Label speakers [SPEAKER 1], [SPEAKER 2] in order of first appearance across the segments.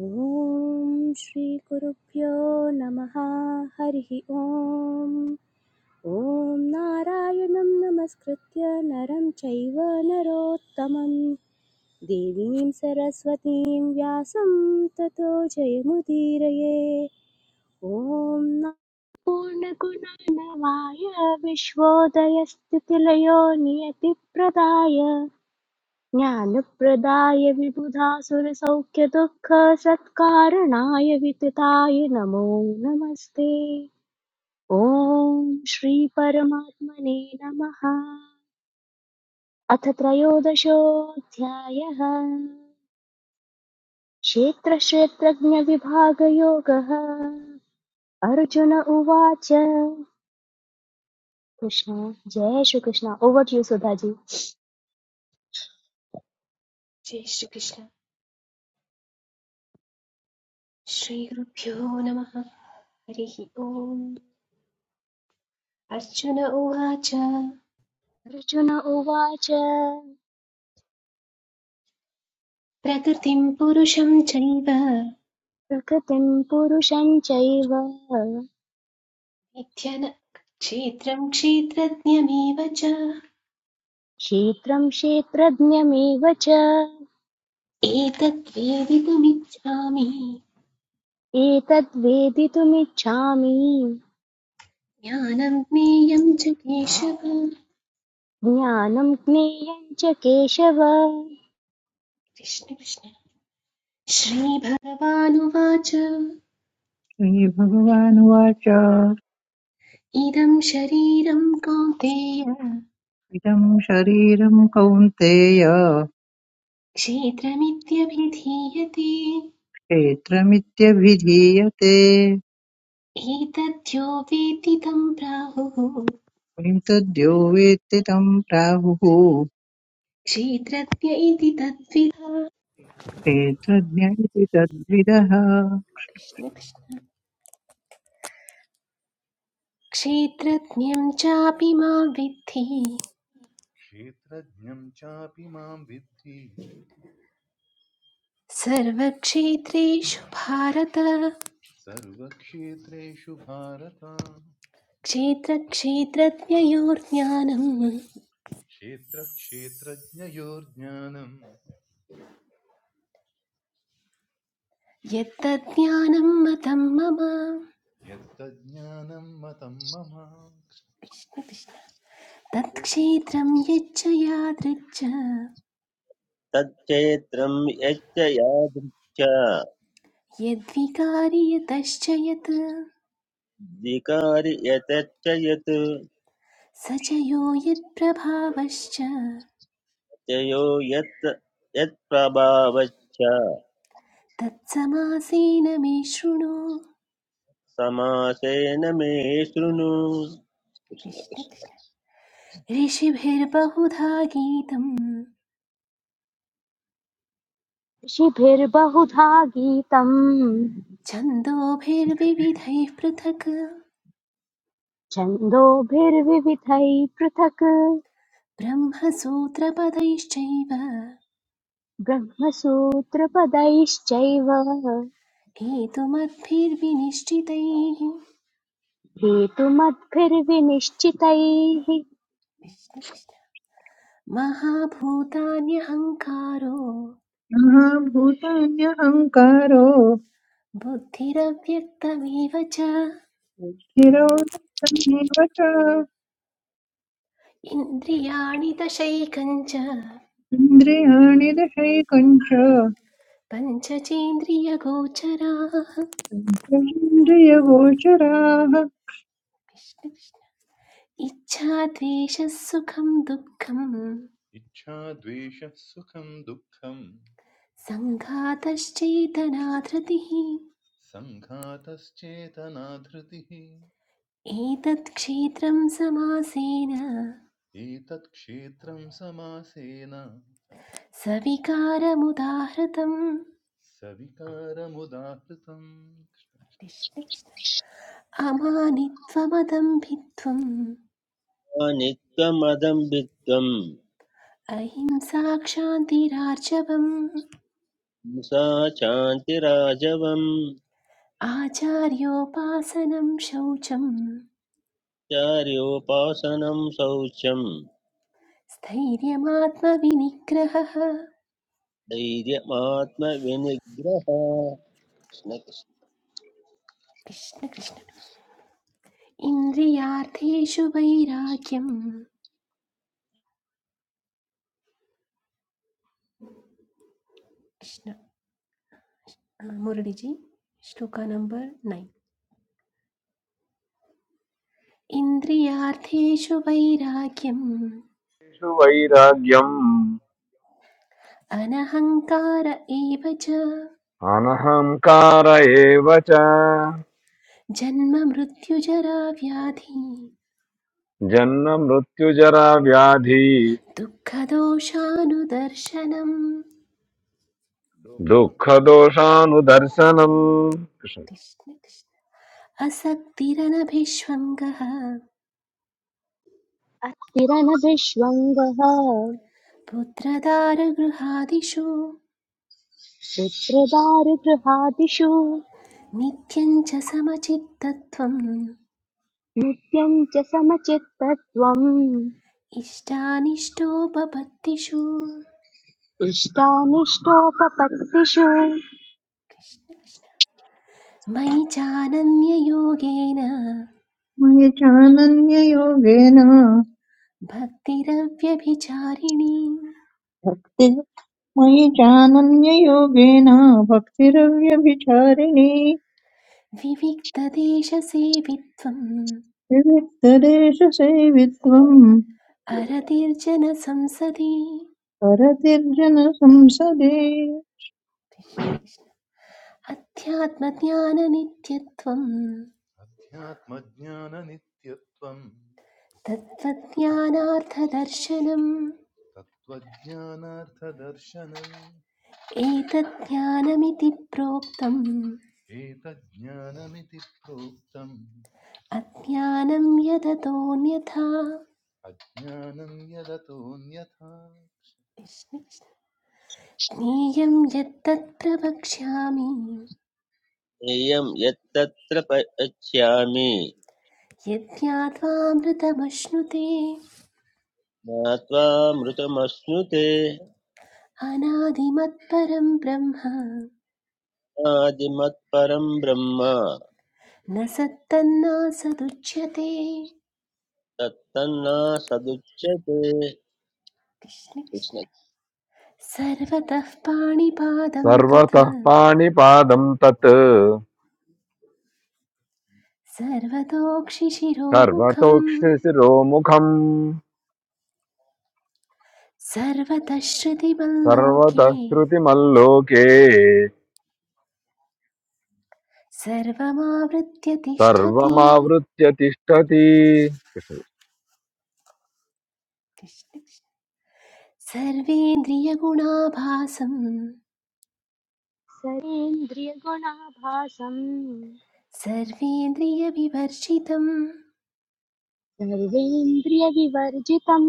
[SPEAKER 1] ॐ श्रीगुरुभ्यो नमः हरिः ॐ ॐ नारायणं नमस्कृत्य नरं चैव नरोत्तमं देवीं सरस्वतीं व्यासं ततो जयमुदीरये ॐ ना- पूर्णगुणनवाय विश्वोदयस्थितिलयो नियतिप्रदाय ज्ञानप्रदाय विबुधासुरसौख्यदुःखसत्कारणाय वितताय नमो नमस्ते ॐ श्रीपरमात्मने नमः अथ त्रयोदशोऽध्यायः क्षेत्रक्षेत्रज्ञविभागयोगः अर्जुन उवाच कृष्ण जय श्रीकृष्ण ओवर टु सुधाजी
[SPEAKER 2] जय श्रीकृष्ण श्रीगुरुभ्यो नमः हरिः ओम् अर्जुन उवाच
[SPEAKER 1] अर्जुन उवाच
[SPEAKER 2] प्रकृतिं पुरुषं चैव
[SPEAKER 1] प्रकृतिं पुरुषं चैव
[SPEAKER 2] विद्यन क्षेत्रं क्षेत्रज्ञमेव च
[SPEAKER 1] क्षेत्रं क्षेत्रज्ञमेव च
[SPEAKER 2] एतत् वेदितुमिच्छामि
[SPEAKER 1] एतद्वेदितुमिच्छामि
[SPEAKER 2] ज्ञानं ज्ञेयं च केशव
[SPEAKER 1] ज्ञानं ज्ञेयं च केशव
[SPEAKER 2] कृष्ण कृष्ण श्रीभगवानुवाच
[SPEAKER 3] श्रीभगवानुवाच
[SPEAKER 2] इदं शरीरं कौन्तेय
[SPEAKER 3] इदं शरीरं कौन्तेय
[SPEAKER 2] क्षेत्रमित्यभिधीयते
[SPEAKER 3] क्षेत्रमित्यभिधीयते
[SPEAKER 2] एतद्यो वेत्ति तं प्राहुः
[SPEAKER 3] किं तद्यो वेत्ति तं प्राहुः
[SPEAKER 2] क्षेत्रज्ञ इति तद्विधा
[SPEAKER 3] क्षेत्रज्ञ इति तद्विदः
[SPEAKER 2] कृष्ण कृष्ण क्षेत्रज्ञं चापि मां विद्धि
[SPEAKER 4] क्षेत्रज्ञं चापि मां विद्धि
[SPEAKER 2] सर्वक्षेत्रेषु भारत
[SPEAKER 4] सर्वक्षेत्रेषु भारत
[SPEAKER 2] क्षेत्रक्षेत्रज्ञयोर्ज्ञानं
[SPEAKER 4] क्षेत्रक्षेत्रज्ञयोर्ज्ञानं
[SPEAKER 2] यत्तज्ज्ञानं मतं मम
[SPEAKER 4] यत्तज्ज्ञानं मतं मम
[SPEAKER 2] तत्क्षेत्रं यच्च यादृच्च
[SPEAKER 5] तच्चैत्रं यच्च यादृच्छा
[SPEAKER 2] यद्विकारि यतश्च यत्
[SPEAKER 5] द्विकारि यतच्च यत्
[SPEAKER 2] स च यो यत्प्रभावश्च
[SPEAKER 5] तयो यत् यत्प्रभावश्च
[SPEAKER 2] तत्समासेन मे शृणु
[SPEAKER 5] समासेन मे शृणु
[SPEAKER 2] कृष्ण कृष्ण ऋषिभिर्बहुधा गीतम्
[SPEAKER 1] ऋषिभिर्बहुधा गीतम्
[SPEAKER 2] छन्दोभिर्विविधैः पृथक्
[SPEAKER 1] छन्दोभिर्विविधैः पृथक्
[SPEAKER 2] ब्रह्मसूत्रपदैश्चैव
[SPEAKER 1] ब्रह्मसूत्रपदैश्चैव
[SPEAKER 2] हेतुमद्भिर्विनिश्चितैः
[SPEAKER 1] हेतुमद्भिर्विनिश्चितैः
[SPEAKER 2] कृष्ण कृष्ण महाभूतान्यहङ्कारो
[SPEAKER 3] महाभूतान्यहङ्कारो
[SPEAKER 2] बुद्धिरव्यक्तमेव च
[SPEAKER 3] स्थिरो यत्तमेव च
[SPEAKER 2] इन्द्रियाणि दशैकञ्च
[SPEAKER 3] इन्द्रियाणि दशैकञ्च
[SPEAKER 2] पञ्चचेन्द्रियगोचराः कृष्ण
[SPEAKER 3] पञ्चेन्द्रियगोचराः
[SPEAKER 2] कृष्ण। इच्छाद्वेषः सुखं दुःखं
[SPEAKER 4] इच्छा द्वेषः सुखं दुःखं
[SPEAKER 2] सङ्घातश्चेतनाधृतिः
[SPEAKER 4] सङ्घातश्चेतना धृतिः
[SPEAKER 2] एतत् क्षेत्रं समासेन
[SPEAKER 4] एतत् क्षेत्रं समासेन
[SPEAKER 2] सविकारमुदाहृतम्
[SPEAKER 4] सविकारमुदाहृतम्
[SPEAKER 2] कृष्ण कृष्ण। अमानित्वमदम्भित्वम्
[SPEAKER 5] नित्यमदम्बित्वं
[SPEAKER 2] अहिंसाक्षान्तिरार्जवम्
[SPEAKER 5] हिंसा शान्तिराजवं
[SPEAKER 2] आचार्योपासनं शौचं
[SPEAKER 5] चार्योपासनं शौचं
[SPEAKER 2] स्थैर्यमात्मविनिग्रहः
[SPEAKER 5] धैर्यमात्मविनिग्रह कृष्ण कृष्ण।
[SPEAKER 2] कृष्ण कृष्ण इन्द्रियार्थेषु वैराग्यम् कृष्ण मुरळिजि श्लोका नंबर नैन् इन्द्रियार्थेषु वैराग्यम् अनहङ्कार एव च
[SPEAKER 6] నాహామ్ కారయవచా
[SPEAKER 2] जन्म मृत्युजरा व्याधि
[SPEAKER 6] జన్న మృత్యు జావ్యాధి
[SPEAKER 2] दुःखदोषानुदर्शनम्
[SPEAKER 6] దుఖదోషాను దర్సనం
[SPEAKER 2] कृष्ण कृष्ण असक्तिरनभिष्वङ्गः
[SPEAKER 1] अस्थिरनभिष्वङ्गः
[SPEAKER 2] पुत्रदारगृहादिषु
[SPEAKER 1] चित्रदारुगृहादिषु
[SPEAKER 2] नित्यं च समचित्तत्वम्
[SPEAKER 1] नित्यं च समचित्तत्वम्
[SPEAKER 2] इष्टानिष्टोपपत्तिषु कृष्ण
[SPEAKER 1] इष्टानिष्टोपपत्तिषु
[SPEAKER 2] कृष्ण। मयि चानन्ययोगेन
[SPEAKER 3] मयि चानन्ययोगेन
[SPEAKER 2] भक्तिरव्यभिचारिणी
[SPEAKER 3] भक्ति मयि चानन्ययोगेन भक्तिरव्यभिचारिणी
[SPEAKER 2] विविक्तदेशसेवित्वम्
[SPEAKER 3] विविक्तदेशसेवित्वम्
[SPEAKER 2] अरतिर्जनसंसदि
[SPEAKER 3] परतिर्जनसंसदे
[SPEAKER 2] कृष्ण, अध्यात्मज्ञाननित्यत्वम्
[SPEAKER 4] अध्यात्मज्ञाननित्यत्वम्
[SPEAKER 2] तत्त्वज्ञानार्थदर्शनम्
[SPEAKER 4] तत्त्वज्ञानार्थदर्शनम्
[SPEAKER 2] एतज्ज्ञानमिति प्रोक्तम्
[SPEAKER 4] एतज्ज्ञानमिति प्रोक्तम्
[SPEAKER 2] अज्ञानं यदतोऽन्यथा
[SPEAKER 4] अज्ञानम् यदतोऽन्यथा
[SPEAKER 2] ज्ञेयं यत्तत् प्रवक्ष्यामि
[SPEAKER 5] ज्ञेयं यत्तत्र पश्यामि
[SPEAKER 2] यज्ञात्वामृतमश्नुते
[SPEAKER 5] ज्ञात्वामृतमश्नुते
[SPEAKER 2] अनादिमत्परं ब्रह्म
[SPEAKER 5] आदिमत्परं ब्रह्म
[SPEAKER 2] न सत्तन्नासदुच्यते
[SPEAKER 5] तत्तन्नासदुच्यते
[SPEAKER 2] कृष्ण कृष्ण सर्वतः पाणिपादं तत्
[SPEAKER 6] సర్వతా పాని పాదం తత్ సర్వతో
[SPEAKER 2] सर्वतोक्षिशिरोमुखम्
[SPEAKER 6] క్షిసిరో ముఖం
[SPEAKER 2] सर्वतः श्रुतिमल्लोके
[SPEAKER 6] సర్వతా స్రుతి మలోకే
[SPEAKER 2] सर्वमावृत्य तिष्ठति
[SPEAKER 6] సర్వ�
[SPEAKER 2] कृष्ण कृष्ण। सर्वेन्द्रियगुणाभासं
[SPEAKER 1] सरेन्द्रियगुणाभासम्
[SPEAKER 2] सर्वेन्द्रियविवर्जितम्
[SPEAKER 1] सर्वेन्द्रियविवर्जितम्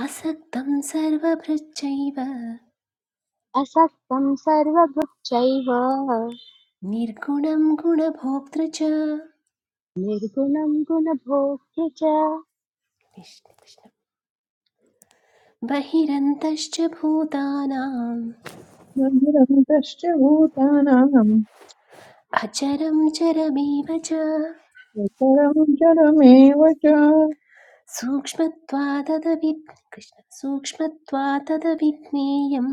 [SPEAKER 2] असक्तं सर्वभृच्चैव
[SPEAKER 1] असक्तम् सर्वभृच्चैव
[SPEAKER 2] निर्गुणं गुणभोक्तृ च
[SPEAKER 1] निर्गुणं गुणभोक्तृ च
[SPEAKER 2] कृष्ण, कृष्ण। बहिरन्तश्च भूतानाम्
[SPEAKER 3] बहिरन्तश्च भूतानां
[SPEAKER 2] अचरं चरमेव च
[SPEAKER 3] चरं चरमेव च
[SPEAKER 2] सूक्ष्मत्वाददवि कृष्ण सूक्ष्मत्वाददविज्ञेयं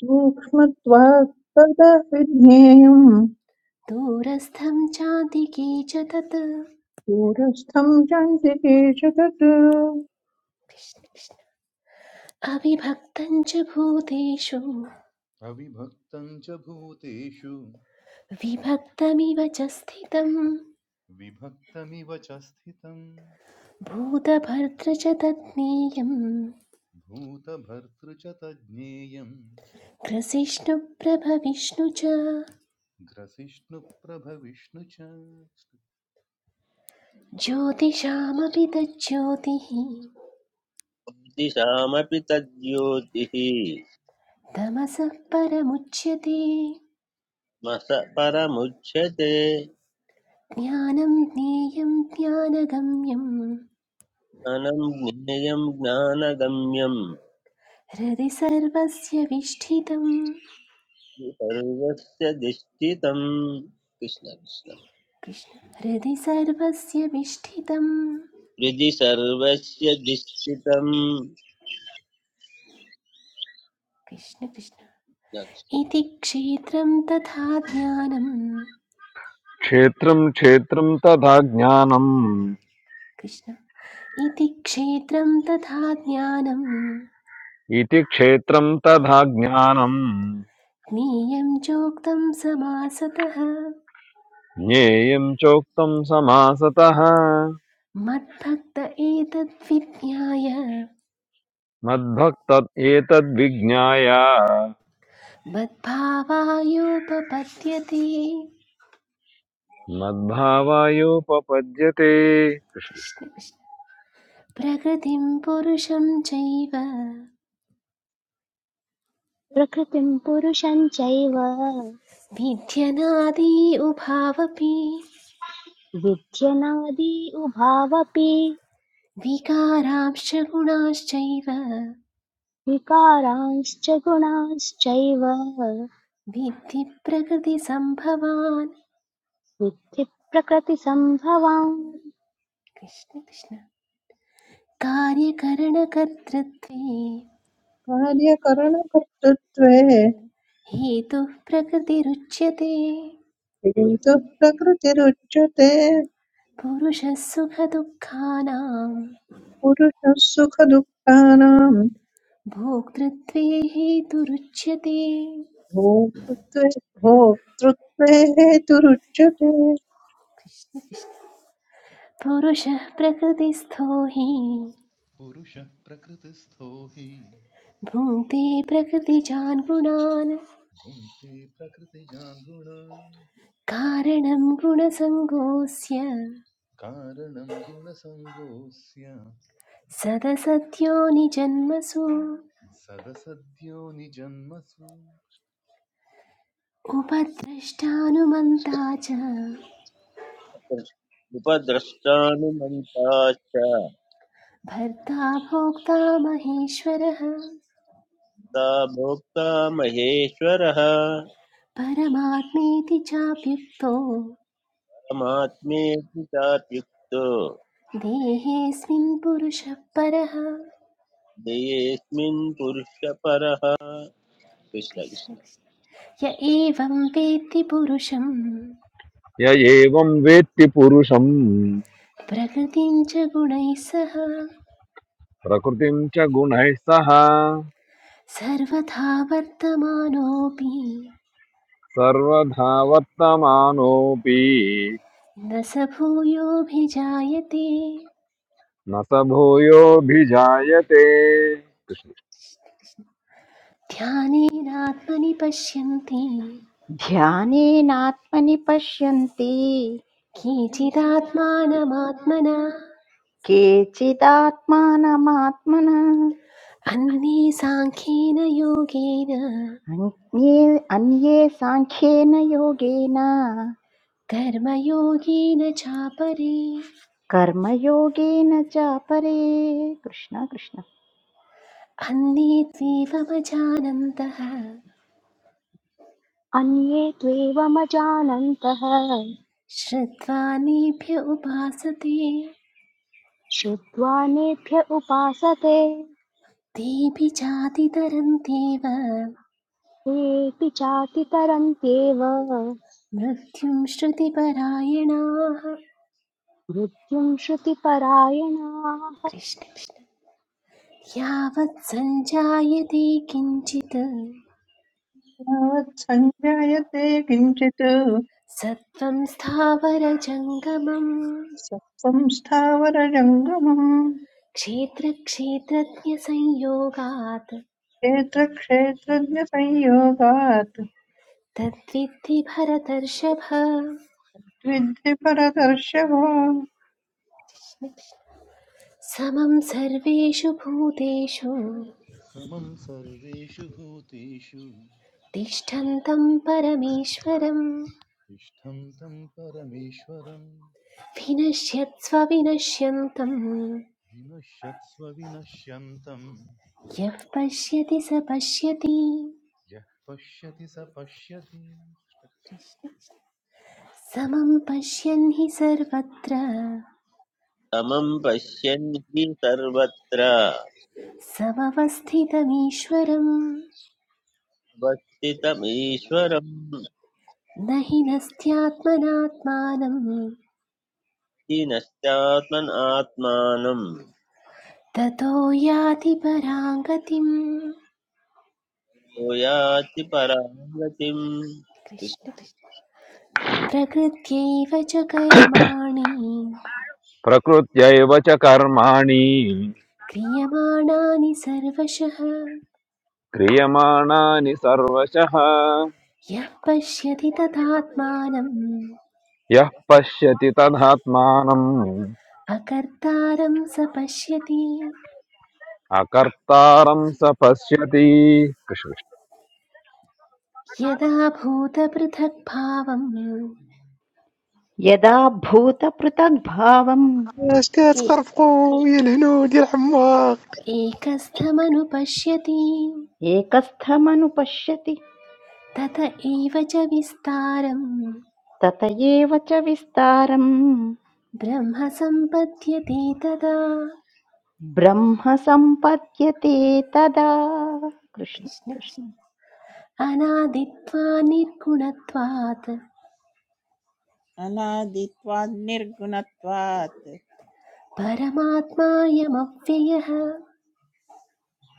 [SPEAKER 3] सूक्ष्मत्वात् तदा विज्ञेयम्
[SPEAKER 2] दूरस्थं चादिके च तत्
[SPEAKER 3] दूरस्थं चान्तिकेश तत्
[SPEAKER 2] अविभक्तं च भूतेषु
[SPEAKER 4] अविभक्तं च भूतेषु
[SPEAKER 2] विभक्तमिव च स्थितम्
[SPEAKER 4] विभक्तमिव च स्थितम्
[SPEAKER 2] भूतभर्तृ च तत्नेयं
[SPEAKER 4] भूतभर्तृ च तज्ज्ञेयम्
[SPEAKER 2] ग्रसिष्णुप्रभविष्णु च
[SPEAKER 4] ग्रसिष्णुप्रभविष्णु च
[SPEAKER 2] ज्योतिषामपि तज्ज्योतिः
[SPEAKER 5] कृष्णदिशामपि तद्योतिः
[SPEAKER 2] तमसः परमुच्यते
[SPEAKER 5] मस परमुच्यते
[SPEAKER 2] ज्ञानं ज्ञेयं ज्ञानगम्यं
[SPEAKER 5] अनं ज्ञेयं ज्ञानगम्यं
[SPEAKER 2] हृदि सर्वस्य विष्ठितं
[SPEAKER 5] सर्वस्य दिष्टितं कृष्ण कृष्ण
[SPEAKER 2] कृष्ण हृदि सर्वस्य विष्ठितं
[SPEAKER 5] हृदि सर्वस्य दिष्टितम्
[SPEAKER 2] कृष्ण कृष्ण इति क्षेत्रं तथा ज्ञानं कृष्ण इति क्षेत्रं तथा ज्ञानं ज्ञेयं चोक्तं समासतः
[SPEAKER 6] ज्ञेयं चोक्तं समासतः
[SPEAKER 2] मद्भक्त एतद्विज्ञाय
[SPEAKER 6] मद्भक्त एतद्विज्ञाय
[SPEAKER 2] मद्भावायोपपद्यते
[SPEAKER 6] मद्भावायोपपद्यते
[SPEAKER 2] कृष्ण कृष्ण प्रकृतिं पुरुषं चैव
[SPEAKER 1] प्रकृतिं पुरुषं चैव
[SPEAKER 2] विध्यनादि उभावपि
[SPEAKER 1] विध्यनादि उभावपि
[SPEAKER 2] विकारांश्च गुणाश्चैव
[SPEAKER 1] विकारांश्च गुणांश्चैव
[SPEAKER 2] विद्धि प्रकृतिसम्भवान्
[SPEAKER 1] विद्धि प्रकृतिसम्भवान्
[SPEAKER 2] कृष्ण कृष्ण कार्यकरणकर्तृत्वे
[SPEAKER 3] कार्यकरणकर्तृत्वे
[SPEAKER 2] हेतुः प्रकृतिरुच्यते
[SPEAKER 3] हेतुः प्रकृतिरुच्यते
[SPEAKER 2] पुरुषः सुखदुःखानां
[SPEAKER 3] पुरुषः सुखदुःखानां
[SPEAKER 2] भोक्तृत्वे हेतुरुच्यते
[SPEAKER 3] भोक्तृत्वे भोक्तृत्वे हेतुरुच्यते
[SPEAKER 2] पुरुषः प्रकृतिस्थो हि
[SPEAKER 4] पुरुषः प्रकृतिस्थो हि
[SPEAKER 2] भुङ्क्ते प्रकृतिजान् गुणान्
[SPEAKER 4] भुङ्क्ते प्रकृतिजान् गुणान्
[SPEAKER 2] कारणं गुणसङ्गोऽस्य
[SPEAKER 4] कारणं गुणसङ्गोऽस्य
[SPEAKER 2] सदसत्यो निजन्मसु
[SPEAKER 4] सदसद्यो निजन्मसु
[SPEAKER 2] उपद्रष्टानुमन्ता च
[SPEAKER 5] उपद्रष्टानुमन्ताश्च
[SPEAKER 2] भर्ता भोक्ता महेश्वरः
[SPEAKER 5] सा भोक्ता महेश्वरः
[SPEAKER 2] परमात्मेति चाप्युक्तो
[SPEAKER 5] परमात्मेति चात्युक्तो
[SPEAKER 2] देहेऽस्मिन् पुरुषः परः
[SPEAKER 5] देयेऽस्मिन् पुरुषपरः कृष्ण
[SPEAKER 2] कृष्ण
[SPEAKER 5] कृष्ण
[SPEAKER 2] कृष्ण। य एवं वेत्ति पुरुषं
[SPEAKER 6] य एवं वेत्ति पुरुषम्
[SPEAKER 2] प्रकृतिं च गुणैः सह
[SPEAKER 6] प्रकृतिं च गुणैः सह
[SPEAKER 2] सर्वथा वर्तमानोऽपि
[SPEAKER 6] सर्वधा वर्तमानोऽपि
[SPEAKER 2] न स भूयोऽभिजायते
[SPEAKER 6] न स भूयोऽभिजायते
[SPEAKER 2] ध्यानेनात्मनि पश्यन्ति
[SPEAKER 7] ध्यानेनात्मनि पश्यन्ति
[SPEAKER 2] केचिदात्मानमात्मना
[SPEAKER 7] केचिदात्मानमात्मना केचिदात्मानमात्मना
[SPEAKER 2] अन्ये साङ्ख्येन योगेन
[SPEAKER 7] अन्ये अन्ये साङ्ख्येन योगेन
[SPEAKER 2] कर्मयोगेन चापरे
[SPEAKER 7] कर्मयोगेन च परे कृष्ण कृष्ण
[SPEAKER 2] अन्ये त्वेवमजानन्तः
[SPEAKER 1] अन्ये त्वेवमजानन्तः
[SPEAKER 2] श्रुत्वा नेभ्य उपासते
[SPEAKER 1] श्रुत्वा नेभ्य उपासते
[SPEAKER 2] तेऽपि चातितरन्त्येव
[SPEAKER 1] तेऽपि चातितरन्त्येव
[SPEAKER 2] मृत्युं श्रुतिपरायणाः
[SPEAKER 1] मृत्युम् श्रुतिपरायणाः
[SPEAKER 2] कृष्ण कृष्ण यावत् सञ्जायते किञ्चित्
[SPEAKER 3] तस्मात् सञ्जायते किञ्चित्
[SPEAKER 2] सत्त्वं स्थावरजङ्गमम्
[SPEAKER 3] सत्त्वं स्थावरजङ्गमम्
[SPEAKER 2] क्षेत्रक्षेत्रज्ञसंयोगात्
[SPEAKER 3] क्षेत्रक्षेत्रज्ञसंयोगात्
[SPEAKER 2] तद्विद्धि भरतर्षभ
[SPEAKER 3] विद्धि परदर्शव
[SPEAKER 2] समं सर्वेषु भूतेषु
[SPEAKER 4] समं सर्वेषु भूतेषु
[SPEAKER 2] तिष्ठन्तं परमेश्वरं
[SPEAKER 4] तिष्ठं तं परमेश्वरं
[SPEAKER 2] विनश्यत्स्व विनश्यन्तं
[SPEAKER 4] विनश्यत्स्व विनश्यन्तं
[SPEAKER 2] यः पश्यति स पश्यति
[SPEAKER 4] यः पश्यति स पश्यति
[SPEAKER 2] समं पश्यन् हि सर्वत्र
[SPEAKER 5] समं पश्यन् हि सर्वत्र
[SPEAKER 2] समवस्थितमीश्वरं
[SPEAKER 5] अवस्थितमीश्वरम्
[SPEAKER 2] न हि नस्त्यात्मनात्मानं
[SPEAKER 5] नश्चात्मनात्मानं
[SPEAKER 2] ततो याति परां गतिम्
[SPEAKER 5] यो याति परां गतिम्
[SPEAKER 2] कृष्ण
[SPEAKER 5] कृष्ण
[SPEAKER 2] कृष्ण। प्रकृत्यैव च कर्माणि
[SPEAKER 6] प्रकृत्यैव च कर्माणि
[SPEAKER 2] क्रियमाणानि
[SPEAKER 6] क्रियमाणानि सर्वशः
[SPEAKER 2] यः पश्यति तथात्मानम्
[SPEAKER 6] यः पश्यति तदात्मानम्
[SPEAKER 2] अकर्तारं स पश्यति
[SPEAKER 6] अकर्तारं स पश्यति कृष्णकृष्ण
[SPEAKER 2] यदा भूतपृथक्भावम्
[SPEAKER 7] यदा भूतपृथग्भावम्
[SPEAKER 8] Ashkats
[SPEAKER 2] ए-
[SPEAKER 8] harfou, yelhno, yelhamaq.
[SPEAKER 2] एकस्थमनुपश्यति
[SPEAKER 7] एकस्थमनुपश्यति
[SPEAKER 2] तत एव च विस्तारम्
[SPEAKER 7] तत एव च विस्तारम्
[SPEAKER 2] ब्रह्म सम्पद्यते तदा
[SPEAKER 7] ब्रह्म सम्पद्यते तदा कृष्ण
[SPEAKER 2] कृष्ण
[SPEAKER 7] कृष्ण
[SPEAKER 2] कृष्ण। अनादित्वा निर्गुणत्वात्
[SPEAKER 9] अनादित्वात् निर्गुणत्वात्
[SPEAKER 2] परमात्मायमव्ययः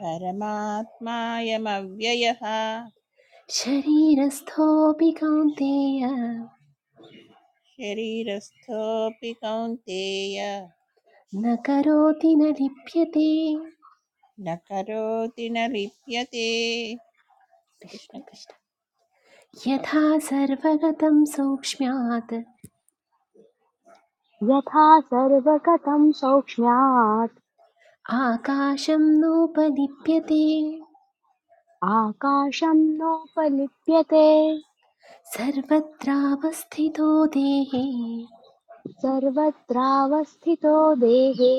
[SPEAKER 9] परमात्मायमव्ययः
[SPEAKER 2] शरीरस्थोऽपि कौन्तेय
[SPEAKER 9] शरीरस्थोऽपि कौन्तेय
[SPEAKER 2] न करोति न लिप्यते
[SPEAKER 9] न करोति न लिप्यते कृष्ण
[SPEAKER 2] कृष्ण कृष्ण यथा सर्वगतं सौक्ष्म्यात्
[SPEAKER 1] यथा सर्वगतम् सौक्ष्म्यात्
[SPEAKER 2] आकाशं नोपलिप्यते
[SPEAKER 1] आकाशम् नोपलिप्यते
[SPEAKER 2] सर्वत्रावस्थितो देहे
[SPEAKER 1] सर्वत्रावस्थितो देहे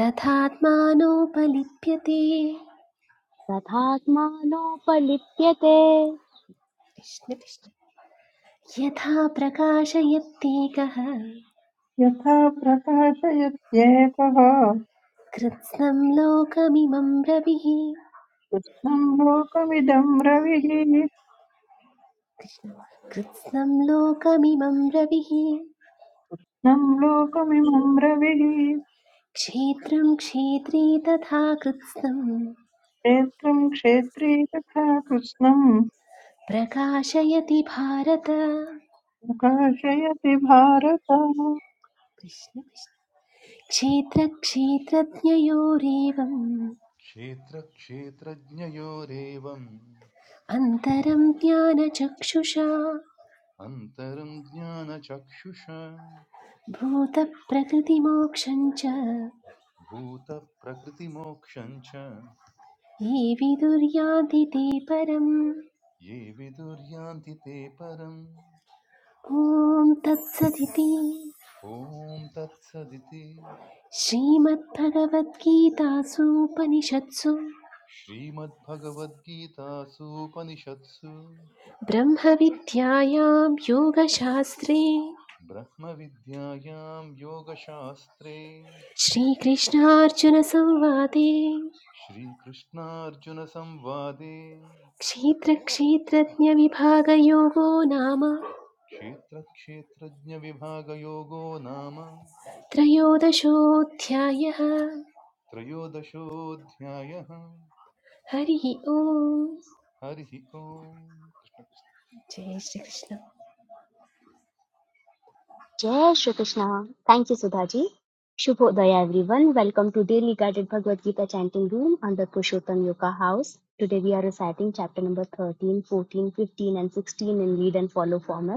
[SPEAKER 2] तथात्मानोपलिप्यते
[SPEAKER 1] तथात्मा नोपलिप्यते
[SPEAKER 2] कृष्ण कृष्ण यथा प्रकाशयत्येकः
[SPEAKER 3] यथा प्रकाशयत्येकः
[SPEAKER 2] कृत्स्नं लोकमिमं रविः
[SPEAKER 3] कृष्णं लोकमिदं रविः
[SPEAKER 2] कृष्ण कृत्स्नं लोकमिमं रविः
[SPEAKER 3] कृष्णं लोकमिमं रविः
[SPEAKER 2] क्षेत्रं क्षेत्री तथा कृत्स्नं
[SPEAKER 3] क्षेत्रं क्षेत्री तथा कृष्णम्
[SPEAKER 2] प्रकाशयति भारत
[SPEAKER 3] प्रकाशयति भारत
[SPEAKER 2] कृष्ण क्षेत्रक्षेत्रज्ञयोरेवम्
[SPEAKER 4] क्षेत्रक्षेत्रज्ञयोरेवम्
[SPEAKER 2] अन्तरं ज्ञानचक्षुषा
[SPEAKER 4] अन्तरं ज्ञानचक्षुषा
[SPEAKER 2] भूतप्रकृतिमोक्षं च
[SPEAKER 4] भूतप्रकृतिमोक्षं च
[SPEAKER 2] ये विदुर्यान्ति ते परम्
[SPEAKER 4] ये विदुर्यान्ति ते परम्
[SPEAKER 2] ॐ तत्सदिति
[SPEAKER 4] ॐ तत्सदिति
[SPEAKER 2] श्रीमद्भगवद्गीतासूपनिषत्सु
[SPEAKER 4] श्रीमद्भगवद्गीतासूपनिषत्सु
[SPEAKER 2] ब्रह्मविद्यायां योगशास्त्रे
[SPEAKER 4] ब्रह्मविद्यायां योगशास्त्रे
[SPEAKER 2] श्रीकृष्णार्जुनसंवादे
[SPEAKER 4] श्रीकृष्णार्जुनसंवादे
[SPEAKER 2] क्षेत्रक्षेत्रज्ञविभागयोगो नाम
[SPEAKER 4] क्षेत्रक्षेत्रज्ञविभागयोगो नाम
[SPEAKER 2] त्रयोदशोऽध्यायः
[SPEAKER 4] त्रयोदशोऽध्यायः
[SPEAKER 2] हरिः ओम्
[SPEAKER 4] हरिः ओम् कृष्ण कृष्ण।
[SPEAKER 2] जय Shrikrishna
[SPEAKER 1] Jai Shri Krishna. Thank you, Sudhaji. Shubhodaya, everyone. Welcome to Daily Guided Bhagavad Gita Chanting Room under Purushottam Yoga House. Today we are reciting chapter number 13, 14, 15, and 16 in lead and follow format.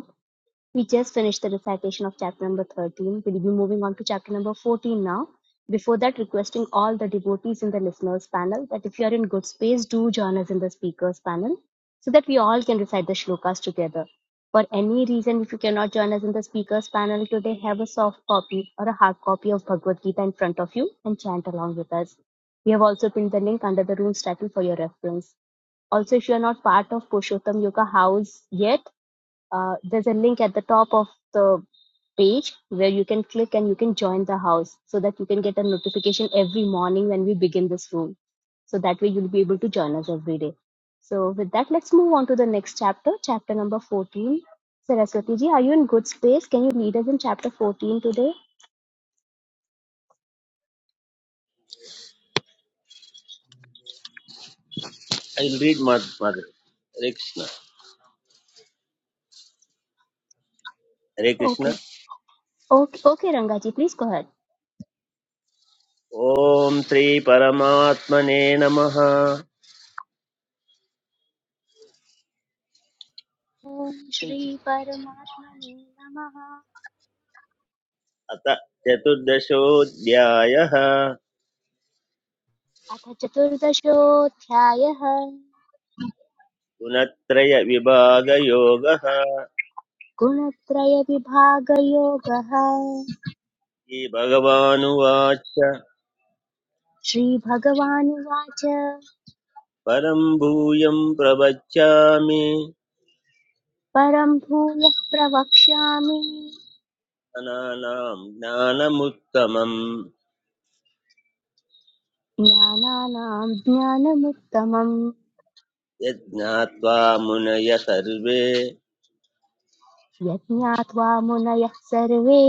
[SPEAKER 1] We just finished the recitation of chapter number 13. We'll be moving on to chapter number 14 now. Before that, requesting all the devotees in the listeners panel that if you are in good space, do join us in the speakers panel so that we all can recite the shlokas together. For any reason, if you cannot join us in the speakers panel today, have a soft copy or a hard copy of Bhagavad Gita in front of you and chant along with us. We have also pinned the link under the room's title for your reference. Also, if you are not part of Purushottam Yoga House yet, uh, there's a link at the top of the page where you can click and you can join the house so that you can get a notification every morning when we begin this room. So that way you'll be able to join us every day. So with that, let's move on to the next chapter, chapter number 14. Saraswati ji, are you in good space? Can you lead us in chapter 14 today?
[SPEAKER 5] I read mother Hare Krishna हरे Krishna
[SPEAKER 1] Okay. Okay, okay Rangaji, please go ahead.
[SPEAKER 5] ॐ श्रीपरमात्मने नमः
[SPEAKER 1] ॐ श्रीपरमात्मने नमः
[SPEAKER 5] अथ चतुर्दशोऽध्यायः
[SPEAKER 1] अथ चतुर्दशोऽध्यायः
[SPEAKER 5] गुणत्रयविभागयोगः
[SPEAKER 1] गुणत्रयविभागयोगः
[SPEAKER 5] श्रीभगवानुवाच
[SPEAKER 1] श्रीभगवानुवाच
[SPEAKER 5] परं भूयं प्रवच्यामि
[SPEAKER 1] परम् भूयः प्रवक्ष्यामि
[SPEAKER 5] जनानां ज्ञानमुत्तमम्
[SPEAKER 1] ज्ञानानाम् ज्ञानमुत्तमम्
[SPEAKER 5] यज्ञात्वा मुनय सर्वे
[SPEAKER 1] यज्ञात्वा मुनयः सर्वे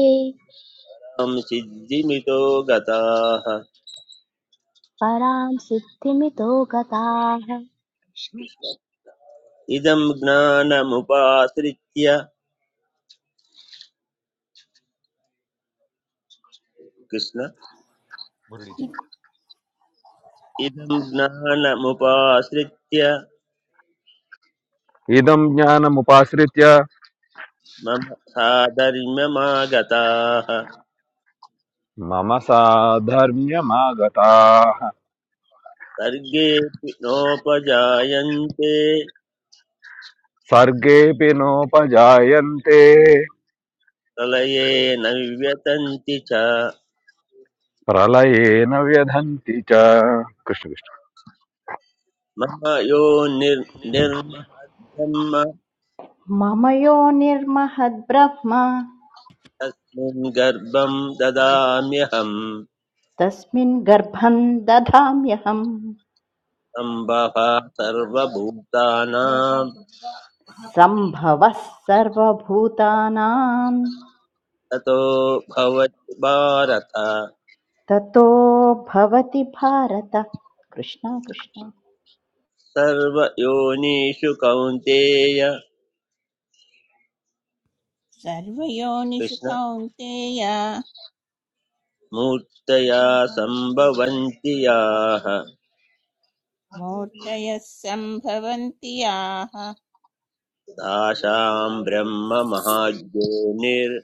[SPEAKER 5] तां सिद्धिमितो गताः
[SPEAKER 1] पराम् सिद्धिमितो गताः
[SPEAKER 5] इदं ज्ञानमुपाश्रित्य कृष्ण
[SPEAKER 4] मुरळीजी
[SPEAKER 2] इ-
[SPEAKER 5] इदं ज्ञानमुपाश्रित्य
[SPEAKER 6] इदं ज्ञानमुपाश्रित्य
[SPEAKER 5] मम साधर्म्यमागताः
[SPEAKER 6] मम साधर्म्यमागताः
[SPEAKER 5] सर्गेऽपि नोपजायन्ते
[SPEAKER 6] सर्गेऽपि नोपजायन्ते
[SPEAKER 5] प्रलये न विव्यतन्ति च
[SPEAKER 6] प्रलये न व्यधन्ति च कृष्णकृष्ण
[SPEAKER 5] मम यो निर् निर्महद्ब्रह्म
[SPEAKER 7] मम योनिर्महद्ब्रह्म
[SPEAKER 5] तस्मिन् गर्भं ददाम्यहम्
[SPEAKER 7] तस्मिन् गर्भं दधाम्यहम्
[SPEAKER 5] सम्भः सर्वभूतानां
[SPEAKER 7] सम्भवः सर्वभूतानां
[SPEAKER 5] ततो भवति भारत
[SPEAKER 7] ततो भवति भारत कृष्ण कृष्ण
[SPEAKER 5] सर्वयोनिषु कौन्तेय
[SPEAKER 9] सर्वयोनिषु
[SPEAKER 5] कृष्ण
[SPEAKER 9] कौन्तेय
[SPEAKER 5] मूर्तया सम्भवन्ति याः
[SPEAKER 9] मूर्तयः सम्भवन्ति याः
[SPEAKER 5] तासाम् ब्रह्म महाज्ञोनिर्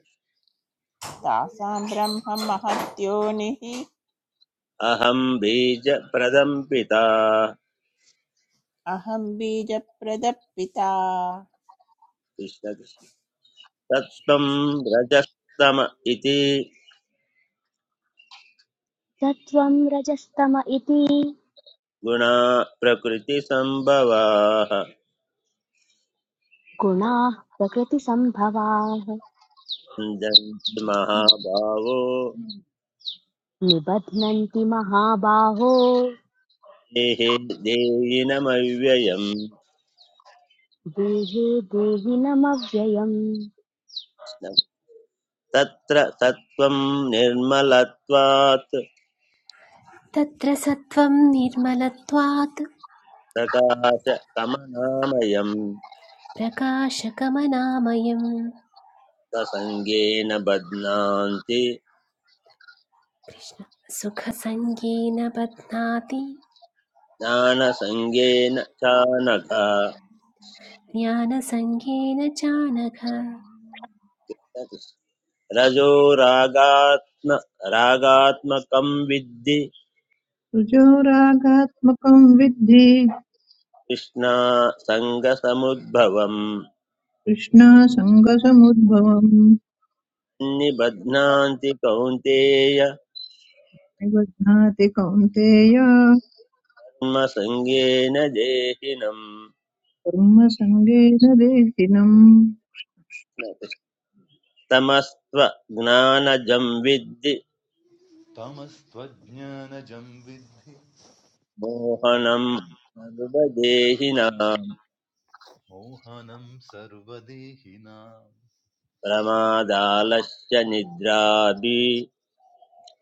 [SPEAKER 9] तासां ब्रह्म महद्योनिः
[SPEAKER 5] अहं बीज बीजप्रदम् पिता
[SPEAKER 9] अहं बीजप्रदपिता
[SPEAKER 5] कृष्ण कृष्ण
[SPEAKER 9] कृष्ण
[SPEAKER 5] तत्त्वम्
[SPEAKER 9] कृष्ण।
[SPEAKER 5] रजस्तम इति
[SPEAKER 1] सत्त्वं रजस्तम इति
[SPEAKER 5] गुणा प्रकृतिसम्भवाः
[SPEAKER 1] गुणाः प्रकृतिसम्भवाः
[SPEAKER 5] भञ्जन्ति महाभावो
[SPEAKER 1] निबध्नन्ति महाबाहो
[SPEAKER 5] देहे देयिनमव्ययम्
[SPEAKER 1] देहे देहिनमव्ययम्
[SPEAKER 5] तत्र तत्त्वम् निर्मलत्वात्
[SPEAKER 2] तत्र सत्त्वं निर्मलत्वात्
[SPEAKER 5] प्रकाशकमनामयम्
[SPEAKER 2] प्रकाशकमनामयं
[SPEAKER 5] प्रसङ्गेन बध्नान्ति
[SPEAKER 2] कृष्ण सुखसङ्गेन बध्नाति
[SPEAKER 5] ज्ञानसङ्गेन चानघ
[SPEAKER 2] ज्ञानसङ्गेन चानघ
[SPEAKER 5] रजो रागात्म रागात्मकं विद्धि
[SPEAKER 3] रजोरागात्मकं विद्धि
[SPEAKER 5] कृष्णासङ्गसमुद्भवम्
[SPEAKER 3] कृष्णासङ्गसमुद्भवम्
[SPEAKER 5] निबध्नान्ति कौन्तेय
[SPEAKER 3] निबध्नाति कौन्तेय
[SPEAKER 5] कर्मसङ्गेन देहिनम्
[SPEAKER 3] कर्मसङ्गेन देहिनम्
[SPEAKER 5] तमस्त्व ज्ञानजं विद्धि
[SPEAKER 4] तमस्त्वज्ञानजं विद्धि
[SPEAKER 5] मोहनं मनुबदेहिनां
[SPEAKER 4] मोहनं सर्वदेहिनां
[SPEAKER 5] प्रमादालस्य निद्राभि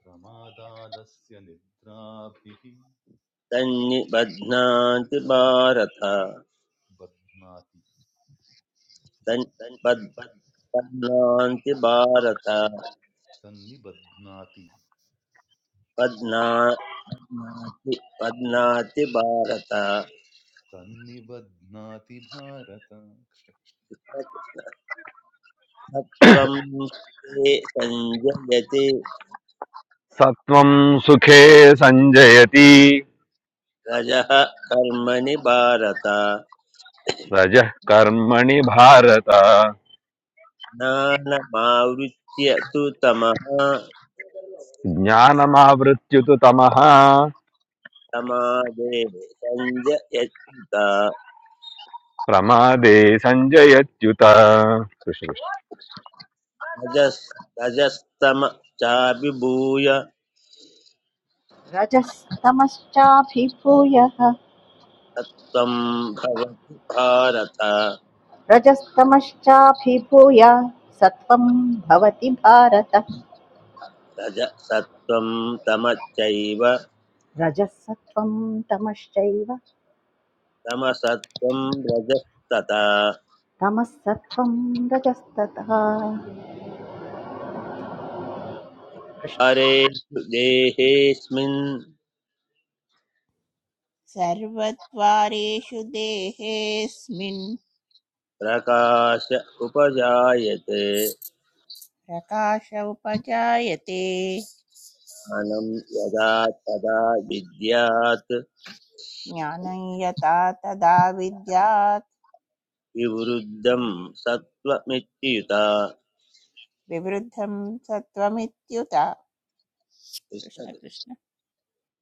[SPEAKER 4] प्रमादालस्य निद्राभिः
[SPEAKER 5] तन्निबध्नान्ति भारत
[SPEAKER 4] बध्नाति
[SPEAKER 5] तन् पद् पद्नान्ति भारत
[SPEAKER 4] तन्निबध्नाति
[SPEAKER 5] पद्ना पद्नाति भारत
[SPEAKER 4] तन्निबध्नाति भारत कृष्ण कृष्ण।
[SPEAKER 5] सत्त्वं ते सञ्जयति
[SPEAKER 6] सत्त्वं सुखे सञ्जयति
[SPEAKER 5] रजः कर्मणि भारत
[SPEAKER 6] रजः कर्मणि भारत
[SPEAKER 5] ज्ञानमावृत्य तु तमः
[SPEAKER 6] ज्ञानमावृत्युत तमः
[SPEAKER 5] समादे सञ्जयत्युत
[SPEAKER 6] प्रमादे सञ्जयत्युत कृष्ण।
[SPEAKER 5] रजस् रजस्तम चाभिभूय
[SPEAKER 7] रजस्तमश्चाभिभूयः
[SPEAKER 5] सत्त्वं भवति भारत
[SPEAKER 7] रजस्तमश्चाभिभूय सत्त्वं भवति भारत
[SPEAKER 5] रजसत्त्वं तमश्चैव
[SPEAKER 7] रजःसत्त्वं तमश्चैव
[SPEAKER 5] तमसत्त्वं रजस्तथा
[SPEAKER 7] तमः सत्त्वं रजस्ततः
[SPEAKER 5] हरेषु देहेऽस्मिन्
[SPEAKER 9] सर्वद्वारेषु देहेऽस्मिन्
[SPEAKER 5] प्रकाश उपजायते
[SPEAKER 9] प्रकाश उपजायते
[SPEAKER 5] ज्ञानं यदा तदा विद्यात्
[SPEAKER 9] ज्ञानं यथा तदा विद्यात्
[SPEAKER 5] विवृद्धं सत्त्वमित्युता
[SPEAKER 9] विवृद्धं सत्त्वमित्युत कृष्ण कृष्ण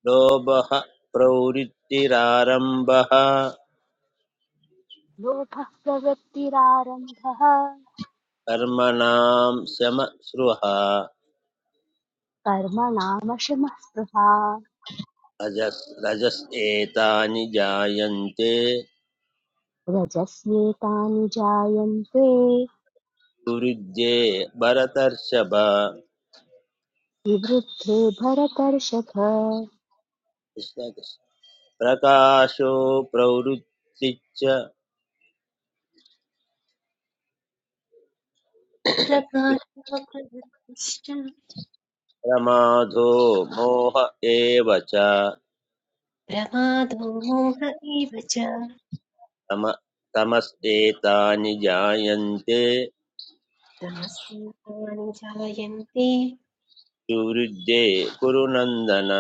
[SPEAKER 5] लोभः प्रवृत्तिरारम्भः
[SPEAKER 1] लोभः प्रवृत्तिरारम्भः
[SPEAKER 5] कर्मणां शमश्रुः
[SPEAKER 1] कर्मणामशमः स्पृहा
[SPEAKER 5] रजस् रजस् एतानि जायन्ते
[SPEAKER 1] रजस्येतानि जायन्ते
[SPEAKER 5] प्रयुज्ये भरतर्षभ
[SPEAKER 1] विवृद्धे भरतर्षभ
[SPEAKER 5] कृष्ण कृष्ण। प्रकाशो प्रवृत्तिच्च
[SPEAKER 2] प्रकाशप्रवृत्तिश्च
[SPEAKER 5] प्रमादो मोह एव च
[SPEAKER 2] प्रमादो मोह एव च
[SPEAKER 5] तम तमस्तेतानि जायन्ते
[SPEAKER 2] तमस्येतानि जायन्ते
[SPEAKER 5] सुवृद्धे कुरु नन्दन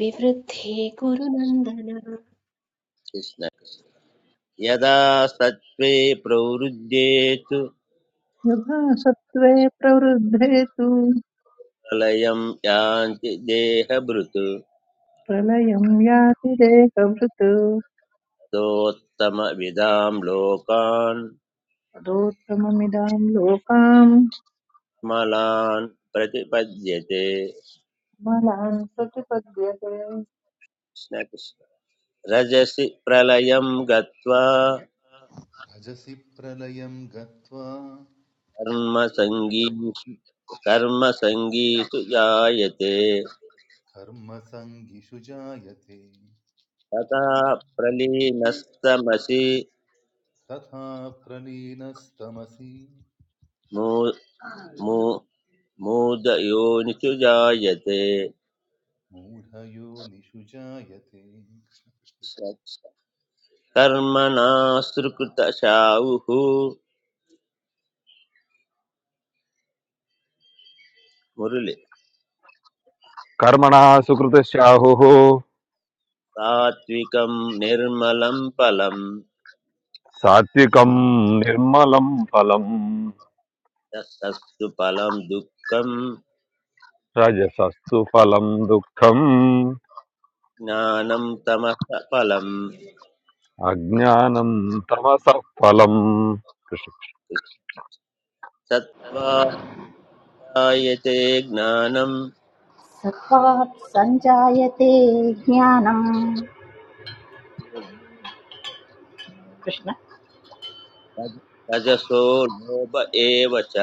[SPEAKER 2] विवृद्धे गुरुनन्दन
[SPEAKER 5] कृष्ण यदा सत्त्वे प्रवृद्धे तु
[SPEAKER 3] यथा सत्त्वे प्रवृद्धे तु
[SPEAKER 5] प्रलयं यान्ति देहभृत्
[SPEAKER 3] प्रलयं याति देहभृत्
[SPEAKER 5] ततोत्तमविदां लोकान्
[SPEAKER 3] तदोत्तममिदां लोकाम्
[SPEAKER 5] मलान् प्रतिपद्यते
[SPEAKER 3] बलान् प्रतिपद्यते
[SPEAKER 5] कृष्ण कृष्ण। रजसि प्रलयं गत्वा
[SPEAKER 4] रजसि प्रलयं गत्वा
[SPEAKER 5] कर्मसङ्गीषु कर्मसङ्गीषु जायते
[SPEAKER 4] कर्मसङ्गिषु जायते
[SPEAKER 5] तथा प्रलीनस्तमसि
[SPEAKER 4] तथा प्रलीनस्तमसि
[SPEAKER 5] मू मू मूदयोनिषु जायते
[SPEAKER 4] मूढयोनिषु जायते
[SPEAKER 5] कर्मणा सुकृतशाहुः मुरलि
[SPEAKER 6] कर्मणा सुकृतशाहुः
[SPEAKER 5] सात्विकं निर्मलं फलं
[SPEAKER 6] सात्विकं निर्मलं फलम्
[SPEAKER 5] तत्सत्सु फलं दुःखं
[SPEAKER 6] रजसस्तु फलं दुःखम्
[SPEAKER 5] ज्ञानं तमः फलं
[SPEAKER 6] अज्ञानं तमसः फलम्
[SPEAKER 5] सत्त्वा जायते ज्ञानं
[SPEAKER 7] సత్వాత్ సంజాయతే జ్ఞానం కృష్ణ
[SPEAKER 5] रज- रजसो लोभ एव च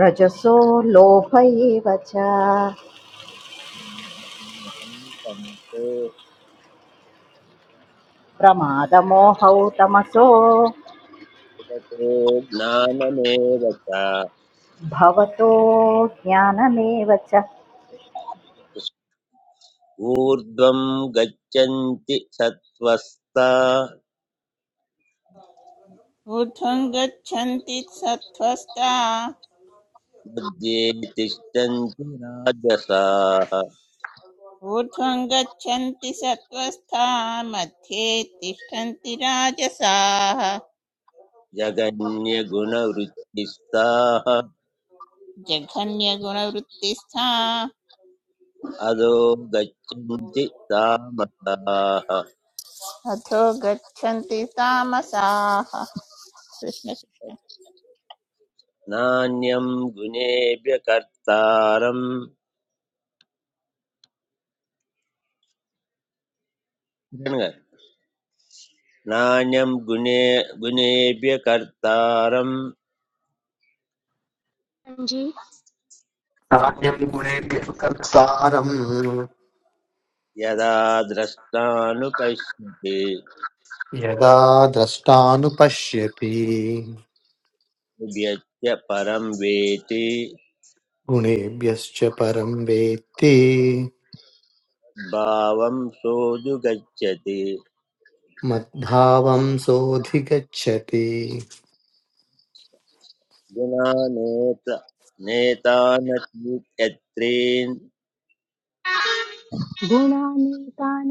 [SPEAKER 7] రజసో లోభ ఏవ చ
[SPEAKER 5] अहंतं
[SPEAKER 7] ప్రమాదమోహౌ తమసో
[SPEAKER 5] प्रोक्तो ज्ञानमेव च
[SPEAKER 7] భవతో జ్ఞానమేవ చ
[SPEAKER 5] ऊर्ध्वं गच्छन्ति सत्त्वस्ता
[SPEAKER 9] ऊर्ध्वं गच्छन्ति सत्त्वस्ता
[SPEAKER 5] मध्ये तिष्ठन्ति राजसाः
[SPEAKER 9] ऊर्ध्वं गच्छन्ति सत्त्वस्था मध्ये तिष्ठन्ति राजसाः
[SPEAKER 5] जगन्यगुणवृत्तिस्ताः
[SPEAKER 9] जघन्यगुणवृत्तिस्था
[SPEAKER 5] अधो गच्छन्ति तामसाः
[SPEAKER 9] अथो गच्छन्ति तामसाः कृष्ण कृष्ण
[SPEAKER 5] नान्यं गुणेभ्य कर्तारम् नान्यं गुणे गुणेभ्य कर्तारं
[SPEAKER 1] जी
[SPEAKER 10] कार्यं गुणेभ्यः कर्तारम्
[SPEAKER 5] यदा द्रष्टानुपश्यति
[SPEAKER 10] यदा द्रष्टानुपश्यति
[SPEAKER 5] व्यत्य परं वेति
[SPEAKER 10] गुणेभ्यश्च परं वेत्ति
[SPEAKER 5] भावं सोऽनुगच्छति
[SPEAKER 10] मद्भावं सोऽधिगच्छति
[SPEAKER 5] गुणानेत नेतानतीत्यत्रीन्
[SPEAKER 1] गुणानेतानतीत्यत्रीन्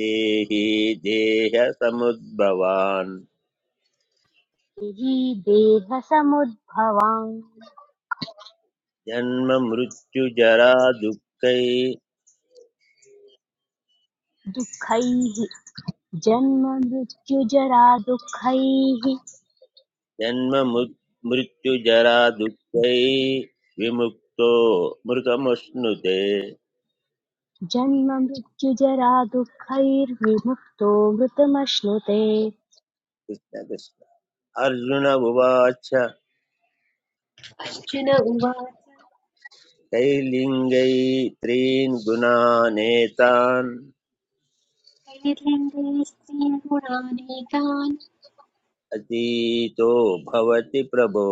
[SPEAKER 5] देहि देहसमुद्भवान्
[SPEAKER 1] हि देहसमुद्भवान्
[SPEAKER 5] जन्म मृत्युजरा दुःखै
[SPEAKER 1] दुःखैः जन्म मृत्युजरा दुःखैः
[SPEAKER 5] जन्म मृत्युजरा दुःखैः विमुक्तो मृतमश्नुते
[SPEAKER 1] जन्म मृत्युजरा दुःखैर्विमुक्तो मृतमश्नुते
[SPEAKER 5] कृष्ण कृष्ण अर्जुन उवाच
[SPEAKER 2] अर्जुन उवाच
[SPEAKER 5] कैर्लिङ्गै त्रीन् गुणानेतान्
[SPEAKER 2] कैर्लिङ्गैः स्त्रीगुणानेकान्
[SPEAKER 5] अतीतो भवति प्रभो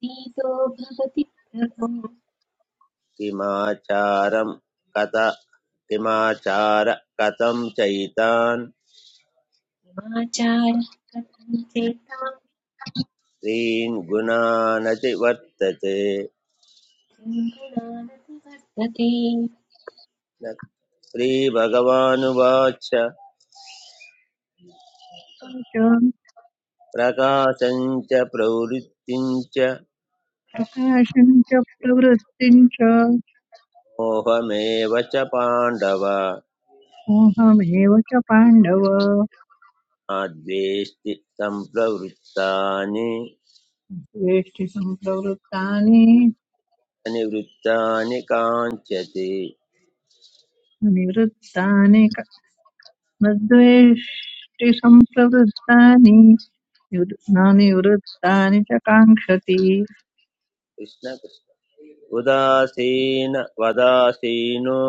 [SPEAKER 2] पीतो भवति प्रभो
[SPEAKER 5] किमाचारं कथ किमाचार कथं चैतान्
[SPEAKER 2] किमाचारः कथं चेतां
[SPEAKER 5] त्रीन् गुणानति वर्तते
[SPEAKER 2] त्रीन् गुणान् वर्तते
[SPEAKER 5] न- श्रीभगवानुवाच
[SPEAKER 3] च
[SPEAKER 5] प्रकाशम् च प्रवृत्तिम् च
[SPEAKER 3] प्रकाशम् च प्रवृत्तिम् च
[SPEAKER 5] मोहमेव च पाण्डव
[SPEAKER 3] मोहमेव च पाण्डव
[SPEAKER 5] नाद्वेष्टि सम्प्रवृत्तानि
[SPEAKER 3] द्वेष्टि सम्प्रवृत्तानि
[SPEAKER 5] अनिवृत्तानि काञ्चति
[SPEAKER 3] निवृत्तानि क- न द्वेष्टि सम्प्रवृत्तानि निवृ- न निवृत्तानि च काङ्क्षति
[SPEAKER 5] कृष्ण कृष्ण उदासीन वदासीनो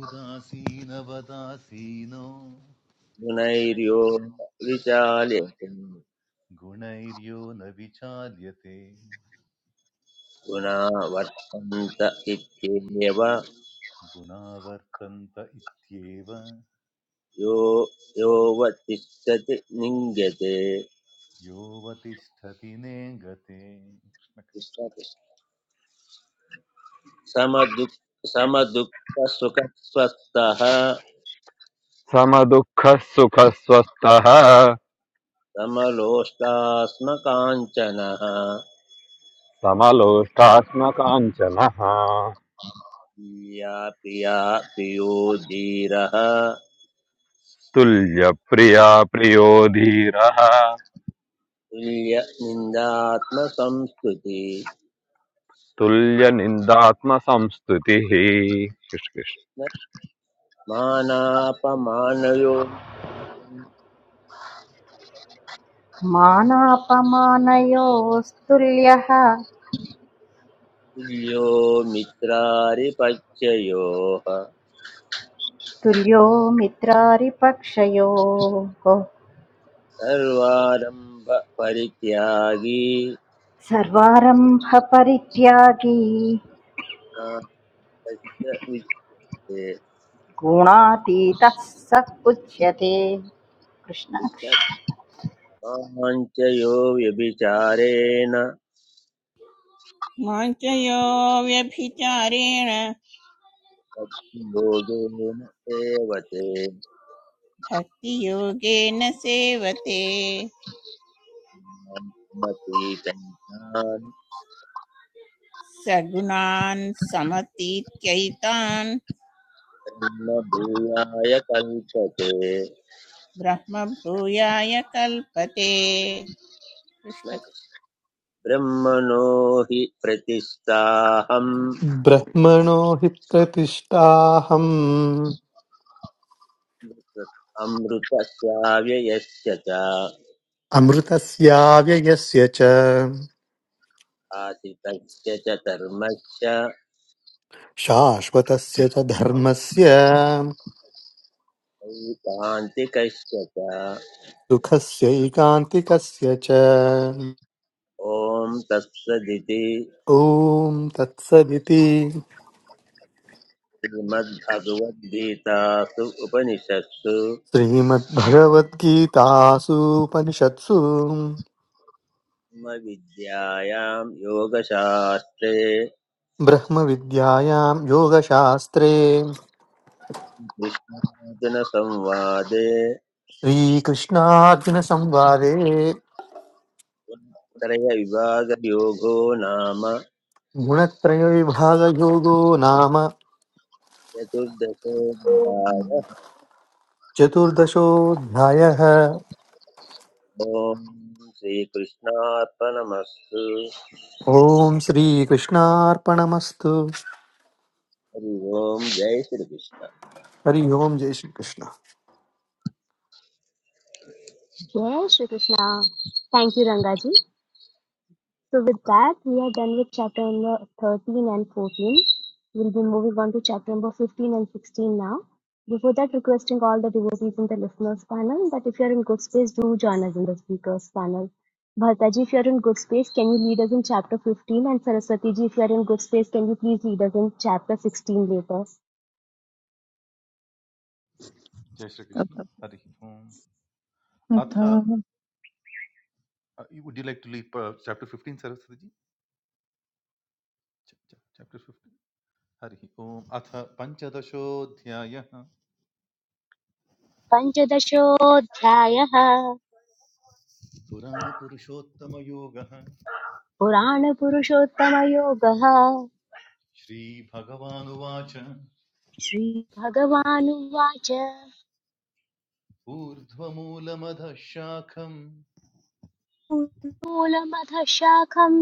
[SPEAKER 4] उदासीनवदासीनो
[SPEAKER 5] गुणैर्यो विचाल्यते
[SPEAKER 4] गुणैर्यो न विचाल्यते
[SPEAKER 5] गुणा वर्तन्त इत्येव
[SPEAKER 4] गुणावर्तन्त इत्येव
[SPEAKER 5] यो यो वतिष्ठति निङ्गते
[SPEAKER 4] योऽवतिष्ठति नेङ्गते कृष्ण
[SPEAKER 5] समदुख समदुःख समदुःखसुखस्वस्थः
[SPEAKER 6] समदुःखः सुखस्वस्थः
[SPEAKER 5] समलोष्टास्मकाञ्चनः
[SPEAKER 6] समलोष्टात्मकाञ्चनः
[SPEAKER 5] प्रिया प्रिया प्रियो धीरः
[SPEAKER 6] तुल्यप्रिया प्रियो धीरः
[SPEAKER 5] तुल्यनिन्दात्मसंस्तुति
[SPEAKER 6] तुल्यनिन्दात्मसंस्तुतिः कृष्ण कृष्ण
[SPEAKER 5] न मानापमानयो
[SPEAKER 7] మానాపమానయోస్తుల్యః
[SPEAKER 5] तुल्यो मित्रारिपत्ययोः
[SPEAKER 7] తుల్యో మిత్రారిపక్షయో
[SPEAKER 5] सर्वारम्भपरित्यागी
[SPEAKER 7] సర్వారంభ పరిత్యాగి
[SPEAKER 5] नास्तस्य उच्यते
[SPEAKER 7] గుణాతీతః స ఉచ్యతే కృష్ణ కృష్ణ
[SPEAKER 5] कृष्ण माञ्चयो व्यभिचारेण
[SPEAKER 9] माञ्चयो व्यभिचारेण
[SPEAKER 5] भोगेन सेवते
[SPEAKER 9] भक्तियोगेन सेवते
[SPEAKER 5] मतीतैतान्
[SPEAKER 9] सगुणान् समतीत्यैतान्
[SPEAKER 5] ब्रह्म भूयाय कल्पते
[SPEAKER 9] ब्रह्मभूयाय कल्पते कृष्ण-
[SPEAKER 5] ब्रह्मणो हि प्रतिष्ठाहम्
[SPEAKER 10] ब्रह्मणो हि प्रतिष्ठाहम्
[SPEAKER 5] अमृतस्याव्ययस्य च
[SPEAKER 10] अमृतस्याव्ययस्य च
[SPEAKER 5] आसितस्य च धर्मस्य
[SPEAKER 10] शाश्वतस्य च धर्मस्य
[SPEAKER 5] नैकान्तिकस्य च
[SPEAKER 10] सुखस्यैकान्तिकस्य च
[SPEAKER 5] ॐ तत्सदिति
[SPEAKER 10] ॐ तत्सदिति
[SPEAKER 5] श्रीमद्भगवद्गीतासु उपनिषत्सु
[SPEAKER 10] श्रीमद्भगवद्गीतासूपनिषत्सु
[SPEAKER 5] विद्यायां योगशास्त्रे
[SPEAKER 10] ब्रह्मविद्यायां योगशास्त्रे
[SPEAKER 5] कृष्णार्जुनसंवादे
[SPEAKER 10] श्रीकृष्णार्जुनसंवादे
[SPEAKER 5] त्रयविभागयोगो नाम
[SPEAKER 10] गुणत्रयविभागयोगो नाम
[SPEAKER 5] चतुर्दशोऽध्यायः
[SPEAKER 10] चतुर्दशोऽध्यायः
[SPEAKER 5] ॐ श्रीकृष्णार्पणमस्तु
[SPEAKER 10] ॐ श्रीकृष्णार्पणमस्तु
[SPEAKER 5] हरि ओं जय श्रीकृष्ण
[SPEAKER 10] हरि ओम् जय Shri Krishna
[SPEAKER 1] Yes, Shri Krishna. Thank you, Rangaji. So with that, we are done with chapter number 13 and 14. We'll be moving on to chapter number 15 and 16 now. Before that, requesting all the devotees in the listeners panel that if you're in good space, do join us in the speakers panel. Bhartaji, if you're in good space, can you lead us in chapter 15? And Saraswati ji, if you're in good space, can you please lead us in chapter 16 later?
[SPEAKER 4] जय श्री कृष्ण अब हरि ओम अथ
[SPEAKER 3] तथा
[SPEAKER 4] would you like to leave chapter 15 Saraswati ji chapter 15 Hari ओम अथ पंचदशोऽध्यायः
[SPEAKER 1] Panchadashodhyayah
[SPEAKER 4] पुराणपुरुषोत्तमयोगः
[SPEAKER 1] Purana Purushottama पुराणपुरुषोत्तमयोगः
[SPEAKER 4] श्रीभगवानुवाच
[SPEAKER 1] श्रीभगवानुवाच
[SPEAKER 4] ऊर्ध्वमूलमधः शाखम्
[SPEAKER 1] मूलमथ शाखम्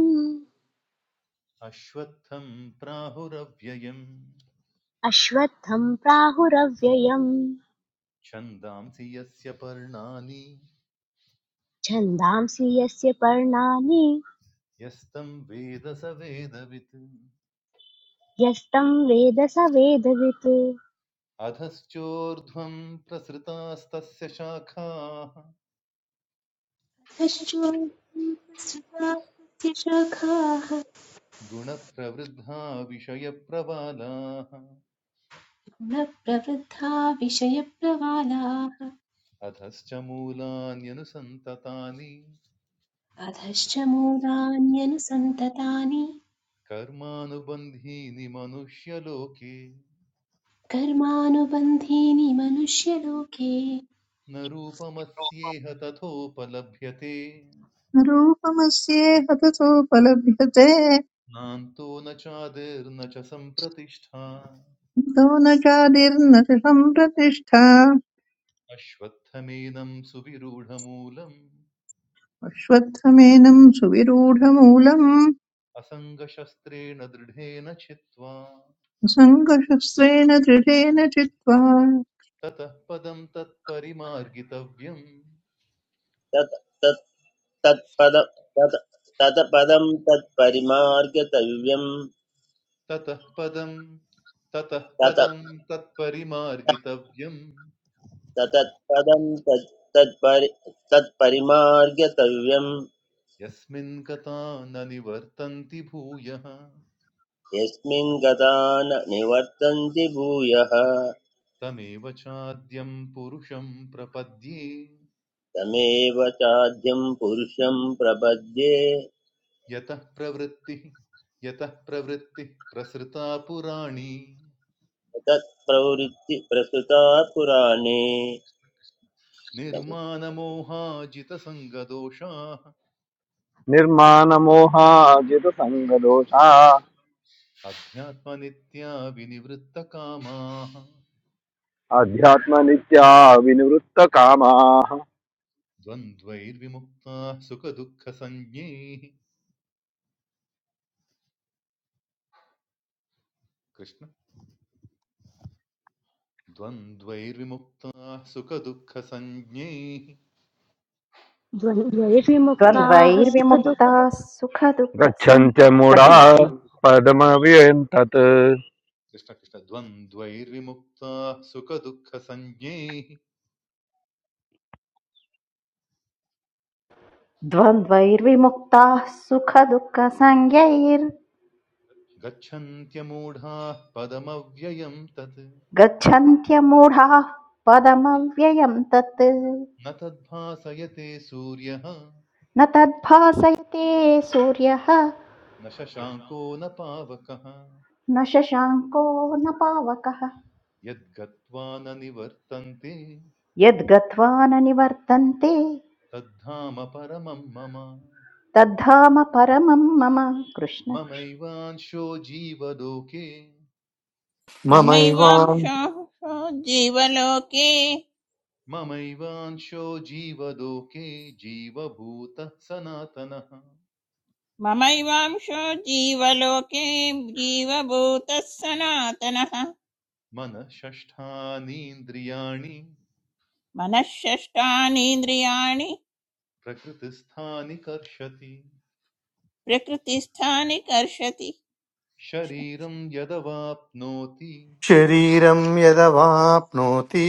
[SPEAKER 4] अश्वत्थं प्राहुरव्ययम्
[SPEAKER 1] अश्वत्थम् प्राहुरव्ययम्
[SPEAKER 4] छन्दांसि यस्य पर्णानि
[SPEAKER 1] छन्दांसि यस्य पर्णानि
[SPEAKER 4] यस्तं वेद स वेदवित्
[SPEAKER 1] यस्तं वेद स वेदवित्
[SPEAKER 4] अधश्चोर्ध्वं प्रसृतास्तस्य शाखाः
[SPEAKER 2] अधश्चोक्तिसृतास्य शाखाः
[SPEAKER 4] गुणप्रवृद्धा विषयप्रवालाः
[SPEAKER 2] गुणप्रवृद्धा विषयप्रवालाः
[SPEAKER 4] अधश्च मूलान्यनुसन्ततानि
[SPEAKER 2] अधश्च मूलान्यनुसन्ततानि
[SPEAKER 4] कर्मानुबन्धीनि मनुष्यलोके
[SPEAKER 2] कर्मानुबन्धीनि मनुष्यलोके
[SPEAKER 4] न रूपमस्येह तथोपलभ्यते
[SPEAKER 3] रूपमस्येह ततोपलभ्यते
[SPEAKER 4] नान्तो न चादिर्न च सम्प्रतिष्ठा
[SPEAKER 3] तो न चादिर्न च सम्प्रतिष्ठा
[SPEAKER 4] अश्वत्थमेनं सुविरूढमूलम्
[SPEAKER 3] अश्वत्थमेनं सुविरूढमूलम्
[SPEAKER 4] असङ्गशस्त्रेण दृढेन चित्वा
[SPEAKER 3] सङ्गशस्त्रेण दृढेन चित्वा
[SPEAKER 4] ततः पदं तत्परिमार्गितव्यम्
[SPEAKER 5] तत् तत् तत्पद तत् तत्पदं तत्परिमार्गतव्यं
[SPEAKER 4] ततः पदं ततः
[SPEAKER 5] तत
[SPEAKER 4] पदं तत्परिमार्गितव्यम्
[SPEAKER 5] ततत्पदं तत् तत्परि तत्परिमार्गतव्यं
[SPEAKER 4] यस्मिन् गता न निवर्तन्ति भूयः
[SPEAKER 5] यस्मिन् गता न निवर्तन्ति भूयः
[SPEAKER 4] तमेव चाद्यं पुरुषं प्रपद्ये
[SPEAKER 5] तमेव चाद्यं पुरुषं प्रपद्ये
[SPEAKER 4] यतः प्रवृत्तिः यतः प्रवृत्तिः प्रसृता पुराणी
[SPEAKER 5] तत् प्रवृत्ति प्रसुता पुराणे
[SPEAKER 4] निर्माणमोहाजितसङ्गदोषाः
[SPEAKER 6] निर्माणमोहाजितसङ्गदोषा
[SPEAKER 4] अध्यात्मनित्या विनिवृत्तकामाः
[SPEAKER 6] अध्यात्मनित्या विनिवृत्तकामाः
[SPEAKER 4] द्वन्द्वैर्विमुक्ताः सुखदुःखसंज्ञैः कृष्ण द्वन्द्वैर्विमुक्ताः सुखदुःखसञ्ज्ञैः
[SPEAKER 1] द्वन्द्वैर्विमुक्ताः सुखदुःख
[SPEAKER 7] द्वन्द्वैर्विमुक्ताः सुखदुःखसं
[SPEAKER 6] गच्छन्त्य मूढा
[SPEAKER 7] कठिनं
[SPEAKER 6] पदमव्यन्तत्
[SPEAKER 4] कृष्णकृष्ण द्वन्द्वैर्विमुक्ताः सुखदुःखसञ्ज्ञैः
[SPEAKER 7] द्वन्द्वैर्विमुक्ताः सुखदुःखसंज्ञैर्गच्छन्त्यमूढाः
[SPEAKER 4] गच्छन्त्यमूढाः पदमव्ययम् तत्
[SPEAKER 7] पदमव्ययं तत्
[SPEAKER 4] न तद्भासयते सूर्यः
[SPEAKER 7] न तद्भासयते सूर्यः
[SPEAKER 4] न शशाङ्को न पावकः
[SPEAKER 7] न शशाङ्को न पावकः
[SPEAKER 4] यद्गत्वा न निवर्तन्ते
[SPEAKER 7] यद्गत्वा न निवर्तन्ते
[SPEAKER 4] तद्धाम परमम् मम
[SPEAKER 7] तद्धाम परमं मम कृष्ण कृष्ण
[SPEAKER 4] ममैवांशो जीवलोके
[SPEAKER 10] ममैवां
[SPEAKER 9] ममैवांशो जीवलोके
[SPEAKER 4] ममैवांशो जीवलोके जीवभूतः सनातनः
[SPEAKER 9] ममैवांशो जीवलोके जीवभूतः सनातनः
[SPEAKER 4] मनः षष्ठानीन्द्रियाणि
[SPEAKER 9] मनःषष्ठानीन्द्रियाणि
[SPEAKER 4] प्रकृतिस्थानि कर्षति
[SPEAKER 9] प्रकृतिस्थानि कर्षति
[SPEAKER 4] शरीरं यदवाप्नोति
[SPEAKER 10] शरीरं यदवाप्नोति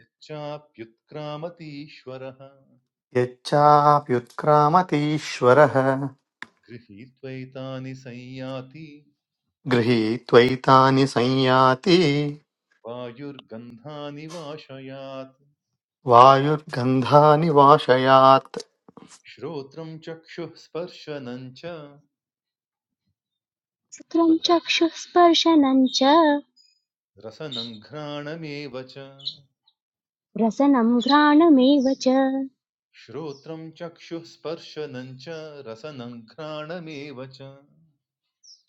[SPEAKER 4] यच्चाप्युत्क्रामतीश्वरः
[SPEAKER 10] यच्चाप्युत्क्रामतीश्वरः
[SPEAKER 4] गृहीत्वैतानि संयाति
[SPEAKER 10] गृहीत्वैतानि संयाति
[SPEAKER 4] वायुर्गन्धानि वाशयात्
[SPEAKER 10] वायुर्गन्धानि वाशयात्
[SPEAKER 4] श्रोत्रं चक्षुः स्पर्शनं च
[SPEAKER 1] सुखं चक्षुस्पर्शनं च
[SPEAKER 4] रसनं घ्राणमेव च
[SPEAKER 1] रसनं घ्राणमेव च
[SPEAKER 4] श्रोत्रं चक्षुः स्पर्शनं च रसनं घ्राणमेव च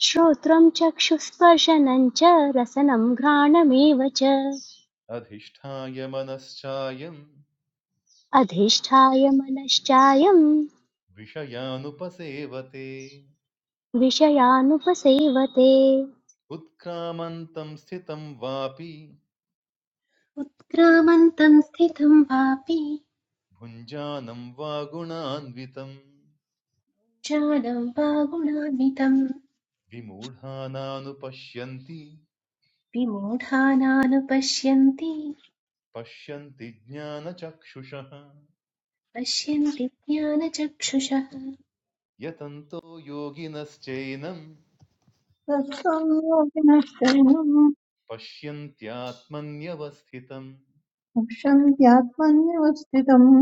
[SPEAKER 1] श्रोत्रं चक्षुस्पर्शनं च रसनं घ्राणमेव च
[SPEAKER 4] अधिष्ठाय मनश्चायं
[SPEAKER 1] अधिष्ठाय मनश्चायम्
[SPEAKER 4] विषयानुपसेवते
[SPEAKER 1] विषयानुपसेवते
[SPEAKER 4] उत्क्रामन्तं स्थितं वापि
[SPEAKER 2] उत्क्रामन्तं स्थितं वापि
[SPEAKER 4] भुञ्जानं वा गुणान्वितं
[SPEAKER 2] ज्ञानं वा गुणान्वितं
[SPEAKER 4] विमूढानानुपश्यन्ति
[SPEAKER 2] विमूढानानुपश्यन्ति
[SPEAKER 4] पश्यन्ति ज्ञानचक्षुषः
[SPEAKER 2] पश्यन्ति ज्ञानचक्षुषः
[SPEAKER 4] यतन्तो योगिनश्चैनं
[SPEAKER 3] तत्त्वयोगिनश्चैनं
[SPEAKER 4] पश्यन्त्यात्मन्यवस्थितम्
[SPEAKER 3] पश्यन्त्यात्मन्यवस्थितम्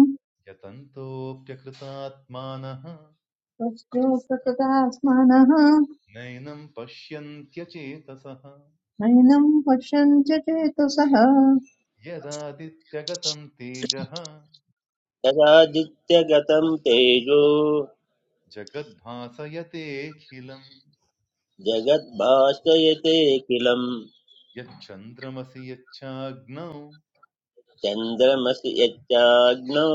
[SPEAKER 4] यतन्तोऽप्यकृतात्मानः
[SPEAKER 3] तस्यो प्रकृता स्मानः
[SPEAKER 4] नैनं पश्यन्त्यचेतसः
[SPEAKER 3] नैनं पश्यन् च चेतसः
[SPEAKER 4] यदादित्यगतं तेजः
[SPEAKER 5] तदादित्यगतं तेजो
[SPEAKER 4] जगद्भासयतेऽखिलम्
[SPEAKER 5] जगद्भाषयते किलं
[SPEAKER 4] यच्चन्द्रमसि यच्चाग्नौ
[SPEAKER 5] चन्द्रमसि यच्चाग्नौ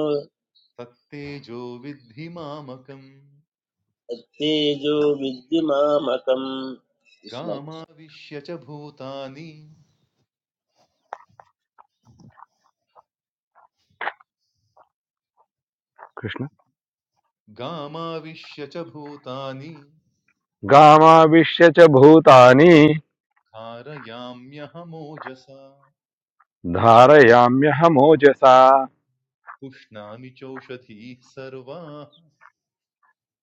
[SPEAKER 4] तत्तेजो विद्धि मामकम्
[SPEAKER 5] तत्तेजो विद्युमामकम् कृष्ण कृष्ण।
[SPEAKER 4] गामाविश्य च भूतानि
[SPEAKER 6] कृष्ण
[SPEAKER 4] गामाविश्य च भूतानि
[SPEAKER 6] गामाविश्य च भूतानि
[SPEAKER 4] कारयाम्यहमोजसा
[SPEAKER 6] धारयाम्यहमोजसा
[SPEAKER 4] पुष्णामि चौषधीः सर्वाः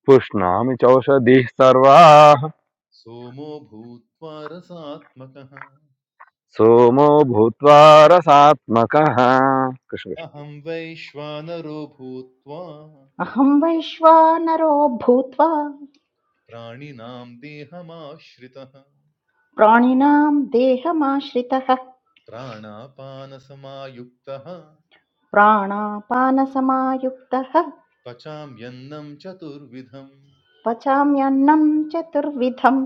[SPEAKER 6] पुष्णामि चौषधिः सर्वाः
[SPEAKER 4] सोमो भूत्वा रसात्मकः
[SPEAKER 6] सोमो भूत्वा रसात्मकः कृष्ण कृष्ण।
[SPEAKER 4] अहं वैश्वानरो भूत्वा
[SPEAKER 7] अहं वैश्वानरो भूत्वा
[SPEAKER 4] प्राणिनां देहमाश्रितः
[SPEAKER 7] प्राणिनां देहमाश्रितः
[SPEAKER 4] प्राणापानसमायुक्तः
[SPEAKER 7] प्राणापानसमायुक्तः
[SPEAKER 4] पचाम्यन्नं चतुर्विधम्
[SPEAKER 7] पचाम्यन्नं चतुर्विधम्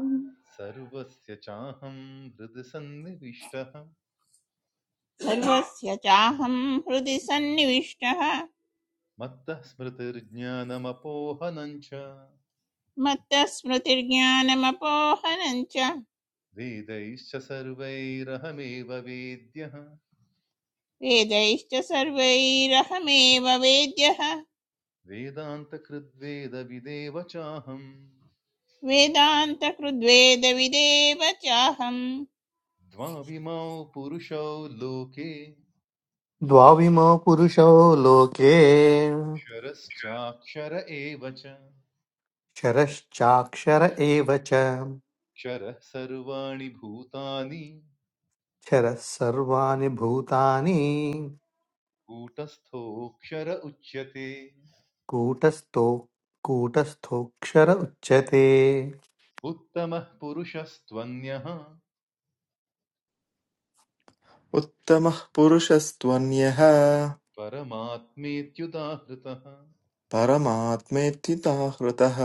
[SPEAKER 4] सर्वस्य चाहं हृदि सन्निविष्टः
[SPEAKER 9] सर्वस्य चाहं हृदि सन्निविष्टः
[SPEAKER 4] मत्तः स्मृतिर्ज्ञानमपोहनं च
[SPEAKER 9] मत्तः स्मृतिर्ज्ञानमपोहनं च
[SPEAKER 4] वेदैश्च सर्वैरहमेव वेद्यः
[SPEAKER 9] वेदैश्च सर्वैरहमेव वेद्यः
[SPEAKER 4] वेदान्तकृद्वेदविदेव चाहम्
[SPEAKER 9] वेदान्तकृद्वेदविदेव चाहम्
[SPEAKER 4] द्वाविमौ पुरुषौ लोके
[SPEAKER 10] द्वाविमो पुरुषो लोके
[SPEAKER 4] क्षरश्चाक्षर एव च
[SPEAKER 10] क्षरश्चाक्षर एव च
[SPEAKER 4] क्षरः सर्वाणि भूतानि
[SPEAKER 10] क्षरः सर्वाणि भूतानि
[SPEAKER 4] कूटस्थोऽक्षर उच्यते
[SPEAKER 10] कूटस्थो कूटस्थोऽक्षर उच्यते
[SPEAKER 4] उत्तमः पुरुषस्त्वन्यः
[SPEAKER 11] उत्तमः पुरुषस्त्वन्यः
[SPEAKER 4] परमात्मेत्युदाहृतः
[SPEAKER 11] परमात्मेत्युता हृतः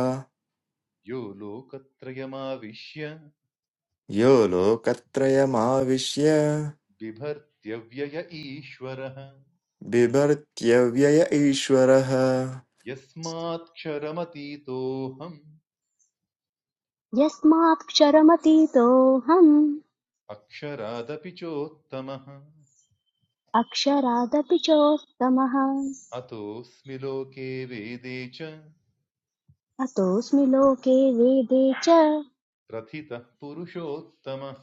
[SPEAKER 4] यो लोकत्रयमाविश्य
[SPEAKER 11] यो लोकत्रयमाविश्य
[SPEAKER 4] बिभर्त्यव्यय ईश्वरः
[SPEAKER 11] बिभर्त्यव्यय ईश्वरः
[SPEAKER 4] यस्मात्क्षरमतीतोऽहम्
[SPEAKER 1] यस्मात्क्षरमतीतोऽहम्
[SPEAKER 4] अक्षरादपि चोत्तमः
[SPEAKER 1] अक्षरादपि चोत्तमः
[SPEAKER 4] अतोऽस्मि लोके वेदे च
[SPEAKER 1] अतोऽस्मि लोके वेदे च
[SPEAKER 4] प्रथितः पुरुषोत्तमः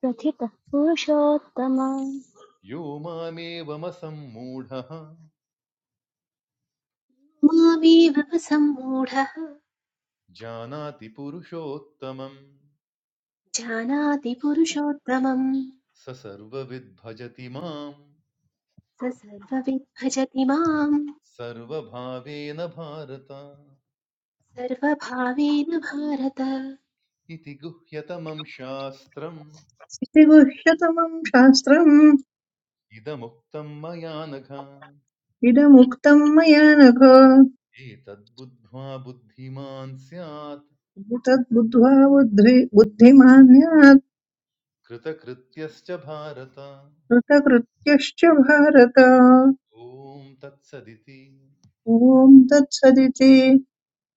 [SPEAKER 1] प्रथितः पुरुषोत्तम
[SPEAKER 4] यो मामेवमसम्मूढः
[SPEAKER 2] मामेव सम्मूढः
[SPEAKER 4] जानाति पुरुषोत्तमम्
[SPEAKER 2] जानाति पुरुषोत्तमम्
[SPEAKER 4] स सर्वविद्भजति माम्
[SPEAKER 2] स सर्वविद् भजति माम्
[SPEAKER 4] सर्वभावेन भारत
[SPEAKER 2] सर्वभावेन भारत
[SPEAKER 4] इति गुह्यतमं शास्त्रम्
[SPEAKER 3] इति गुह्यतमं शास्त्रम्
[SPEAKER 4] इदमुक्तम् मया नघ
[SPEAKER 3] इदमुक्तं मया नघ
[SPEAKER 4] एतद्बुद्ध्वा बुद्धिमान् स्यात्
[SPEAKER 3] इति तद्बुद्ध्वा बुद्धि बुद्धिमान्यात्
[SPEAKER 4] कृतकृत्यश्च भारत
[SPEAKER 3] कृतकृत्यश्च भारत
[SPEAKER 4] ॐ तत्सदिति
[SPEAKER 3] ॐ तत्सदिति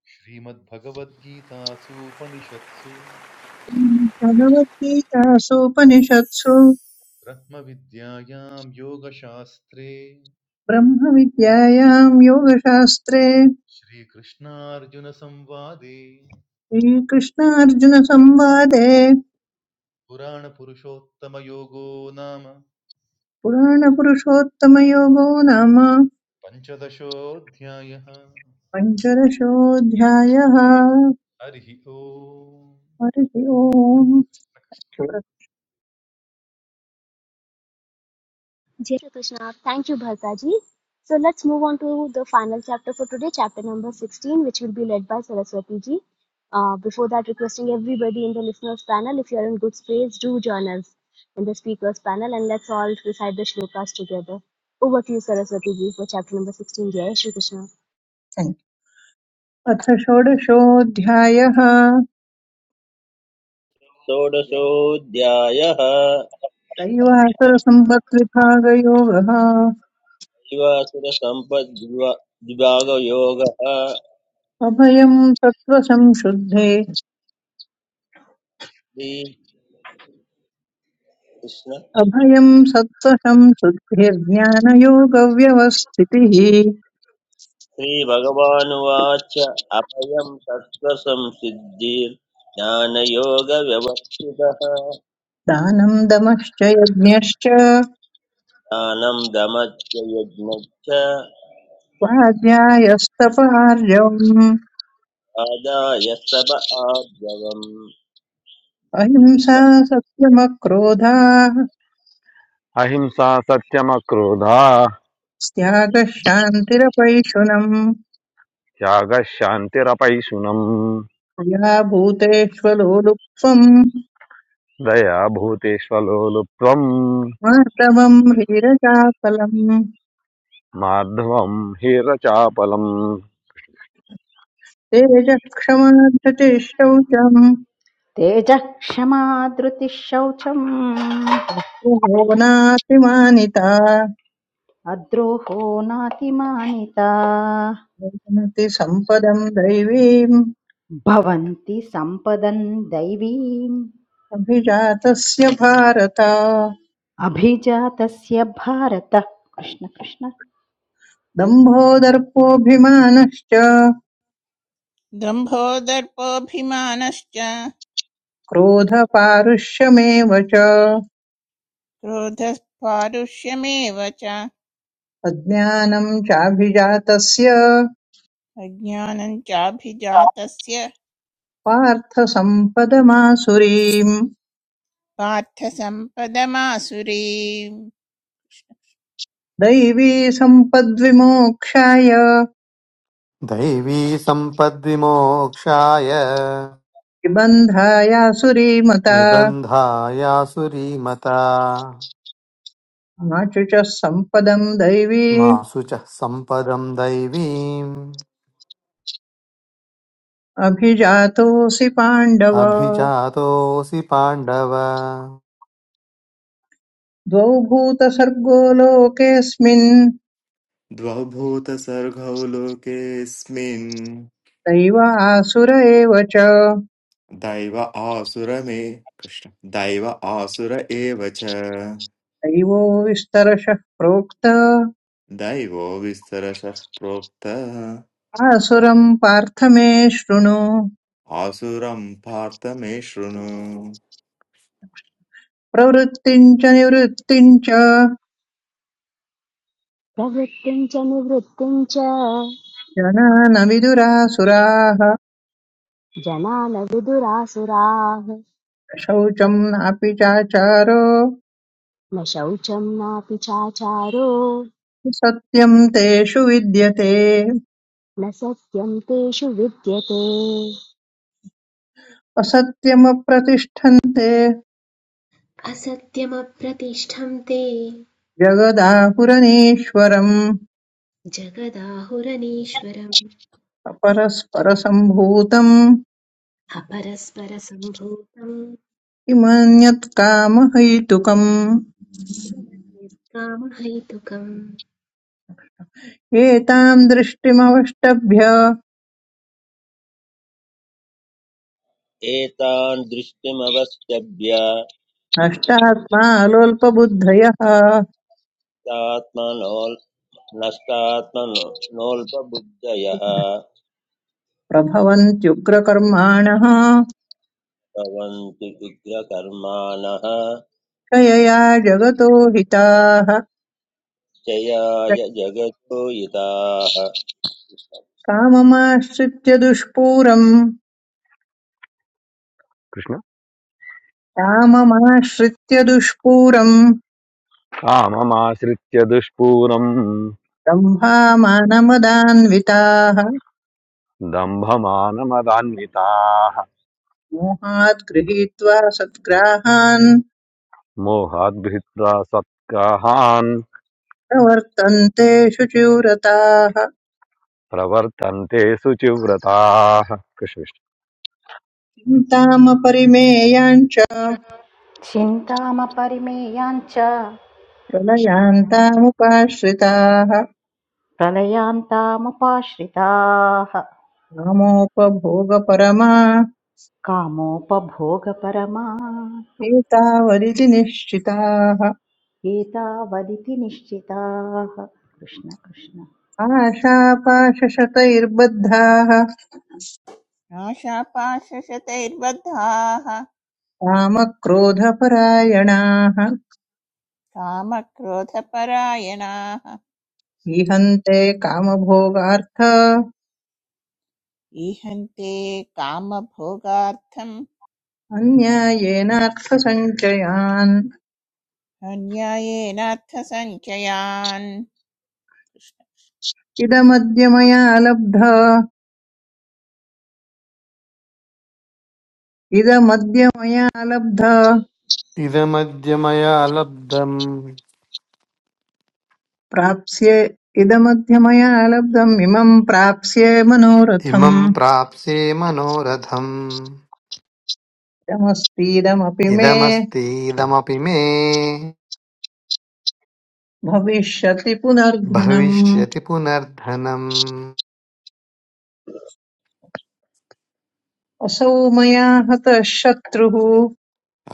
[SPEAKER 4] श्रीमद्भगवद्गीतासूपनिषत्सु
[SPEAKER 3] भगवद्गीतासूपनिषत्सु
[SPEAKER 4] ब्रह्मविद्यायां योगशास्त्रे
[SPEAKER 3] ब्रह्मविद्यायां योगशास्त्रे
[SPEAKER 4] श्रीकृष्णार्जुनसंवादे
[SPEAKER 3] श्रीकृष्णार्जुनसंवादे
[SPEAKER 4] पुराणपुरुषोत्तमयोगो नाम
[SPEAKER 3] पुराणपुरुषोत्तमयोगो नाम
[SPEAKER 4] पञ्चदशोऽध्यायः
[SPEAKER 3] पञ्चदशोऽध्यायः
[SPEAKER 4] हरिः ओम्
[SPEAKER 3] हरिः ओम् Sure.
[SPEAKER 1] Jai Shri Krishna. Thank you, Bhartaji. So let's move on to the final chapter for today, chapter number 16, which will be led by Saraswati ji. Uh, before that, requesting everybody in the listeners' panel, if you are in good space, do join us in the speakers' panel and let's all recite the shlokas together. Over to you, Saraswati ji, for chapter number 16. Jai Shri Krishna.
[SPEAKER 3] Thank you. अथ षोडशोऽध्यायः
[SPEAKER 5] षोडशोऽध्यायः
[SPEAKER 3] दैवासुरसम्पद्विभागयोगः
[SPEAKER 5] जीवासुरसम्पद्विभागयोगः
[SPEAKER 3] अभयम् सत्त्वसंशुद्धे
[SPEAKER 5] श्रीकृष्ण
[SPEAKER 3] अभयम् सत्त्वसंशुद्धिर्ज्ञानयोगव्यवस्थितिः
[SPEAKER 5] श्रीभगवानुवाच अभयं सत्त्वसंसिद्धिर्ज्ञानयोगव्यवस्थितः
[SPEAKER 3] दानं दमश्च यज्ञश्च
[SPEAKER 5] ज्ञानं दमच्च यज्ञच्च
[SPEAKER 3] स्वाध्यायस्तपार्यम्
[SPEAKER 5] आदाय सब आद्यवम्
[SPEAKER 3] अहिंसा
[SPEAKER 5] कृष्ण
[SPEAKER 3] सत्यमक्रोधाः
[SPEAKER 6] अहिंसा सत्यमक्रोधा
[SPEAKER 3] त्यागः शान्तिरपैशुनम्
[SPEAKER 6] त्यागः शान्तिरपैशुनम्
[SPEAKER 3] या भूतेष्वलोलुप्त्वम्
[SPEAKER 6] दया भूतेष्वलोलुप्त्वम्
[SPEAKER 3] मार्दवम् रीरजाफलम्
[SPEAKER 6] मार्दवम् हेरचापलम्
[SPEAKER 3] तेजः क्षमा धृतिः शौचम्
[SPEAKER 7] तेजः क्षमा धृतिः शौचम्
[SPEAKER 3] गो नातिमानिता
[SPEAKER 7] अद्रोहो नातिमानिता
[SPEAKER 3] भवन्ति सम्पदम् दैवीम्
[SPEAKER 7] भवन्ति सम्पदन् दैवीम्
[SPEAKER 3] अभिजातस्य भारत
[SPEAKER 7] अभिजातस्य भारत कृष्ण कृष्ण
[SPEAKER 3] दम्भो दर्पोऽभिमानश्च
[SPEAKER 9] दम्भो दर्पोऽभिमानश्च
[SPEAKER 3] क्रोधपारुष्यमेव च
[SPEAKER 9] क्रोधः पारुष्यमेव च
[SPEAKER 3] अज्ञानम् चाभिजातस्य
[SPEAKER 9] अज्ञानं चाभिजातस्य
[SPEAKER 3] पार्थसम्पदमासुरीम्
[SPEAKER 9] पार्थसम्पदमासुरीम्
[SPEAKER 3] दैवी सम्पद्विमोक्षाय
[SPEAKER 10] दैवी सम्पद्विमोक्षाय
[SPEAKER 3] निबन्धायासुरीमता
[SPEAKER 10] निबन्धायासुरीमता
[SPEAKER 3] आचुच सम्पदम् दैवी
[SPEAKER 10] मा शुचः सम्पदम् दैवीम्
[SPEAKER 3] अभिजातोऽसि पाण्डव
[SPEAKER 10] अभिजातोऽसि पाण्डव
[SPEAKER 3] द्वौ भूतसर्गो लोकेऽस्मिन्
[SPEAKER 11] द्वौ भूतसर्गौ लोकेऽस्मिन्
[SPEAKER 3] दैव आसुर एव च
[SPEAKER 11] दैव आसुर मे कृष्ण दैव आसुर एव च
[SPEAKER 3] दैवो विस्तरशः प्रोक्त
[SPEAKER 11] दैवो विस्तरशः प्रोक्त
[SPEAKER 3] आसुरम् पार्थ मे शृणु
[SPEAKER 11] आसुरं पार्थ मे शृणु
[SPEAKER 3] प्रवृत्तिम् च निवृत्तिम् च
[SPEAKER 1] प्रवृत्तिं च निवृत्तिं च
[SPEAKER 3] जनान विदुरासुराः
[SPEAKER 1] जना न na
[SPEAKER 3] शौचम् नापि चाचारो
[SPEAKER 1] न शौचं नापि Na
[SPEAKER 3] सत्यम् तेषु विद्यते
[SPEAKER 1] न सत्यं तेषु विद्यते
[SPEAKER 3] असत्यमप्रतिष्ठन्ते
[SPEAKER 2] असत्यमप्रतिष्ठं ते
[SPEAKER 3] जगदाहुरनीश्वरम्
[SPEAKER 2] जगदाहुरनीश्वरम्
[SPEAKER 3] अपरस्परसम्भूतम्
[SPEAKER 2] अपरस्परसम्भूतम्
[SPEAKER 3] किमन्यत्कामहैतुकम्
[SPEAKER 2] किमभेत्कामहैतुकम्
[SPEAKER 3] एताम् दृष्टिमवष्टभ्य
[SPEAKER 5] एतान् दृष्टिमवस्तभ्य
[SPEAKER 3] नष्टात्मालोल्पबुद्धयः
[SPEAKER 5] आत्मनोल् नष्टात्मनोल्पबुद्धयः
[SPEAKER 3] प्रभवन्त्युग्रकर्माणः
[SPEAKER 5] भवन्तु उग्रकर्माणः
[SPEAKER 3] क्षयया जगतो हिताः
[SPEAKER 5] जयाय जगतो युताः
[SPEAKER 3] काममाश्रित्य दुष्पूरम्
[SPEAKER 6] कृष्ण
[SPEAKER 3] काममाश्रित्य दुष्पूरम्
[SPEAKER 6] काममाश्रित्य दुष्पूरम्
[SPEAKER 3] ब्रह्मामानमदान्विताः
[SPEAKER 6] दम्भमानमदान्विताः
[SPEAKER 3] मोहात् गृहीत्वा सद्ग्राहान्
[SPEAKER 6] मोहाद्भित्रा सत्काहान्
[SPEAKER 3] प्रवर्तन्ते शुचिव्रताः
[SPEAKER 6] प्रवर्तन्ते शुचिव्रताः कृष्ण
[SPEAKER 3] चिन्तामपरिमेयाञ्च
[SPEAKER 7] चिन्तामपरिमेयाञ्च
[SPEAKER 3] प्रलयान्तामुपाश्रिताः
[SPEAKER 7] प्रलयान्तामुपाश्रिताः
[SPEAKER 3] कामोपभोगपरमा
[SPEAKER 7] कामोपभोगपरमा
[SPEAKER 3] एतावदिति निश्चिताः
[SPEAKER 7] एतावदिति निश्चिताः कृष्ण कृष्ण
[SPEAKER 3] आशापाशशतैर्बद्धाः
[SPEAKER 9] आशापाशशतैर्बद्धाः
[SPEAKER 3] कामक्रोधपरायणाः
[SPEAKER 9] कामक्रोधपरायणाः
[SPEAKER 3] इहन्ते कामभोगार्थ
[SPEAKER 9] ईहन्ते कामभोगार्थम्
[SPEAKER 3] अन्यायेनार्थसञ्चयान्
[SPEAKER 9] अन्यायेनार्थसञ्चयान्
[SPEAKER 3] इदमद्य मया लब्ध इदमद्य मया लब्ध
[SPEAKER 10] इदमद्य मया लब्धम्
[SPEAKER 3] प्राप्स्ये इदमद्य मया लब्धम् इमम् प्राप्स्ये मनोरथम्
[SPEAKER 10] इमं प्राप्स्ये मनोरथम्
[SPEAKER 3] इदमस्तीदमपि मे
[SPEAKER 10] इदमस्तीदमपि मे
[SPEAKER 3] भविष्यति पुनर्धनम्
[SPEAKER 10] भविष्यति पुनर्धनम्
[SPEAKER 3] असौ मया हतः शत्रुः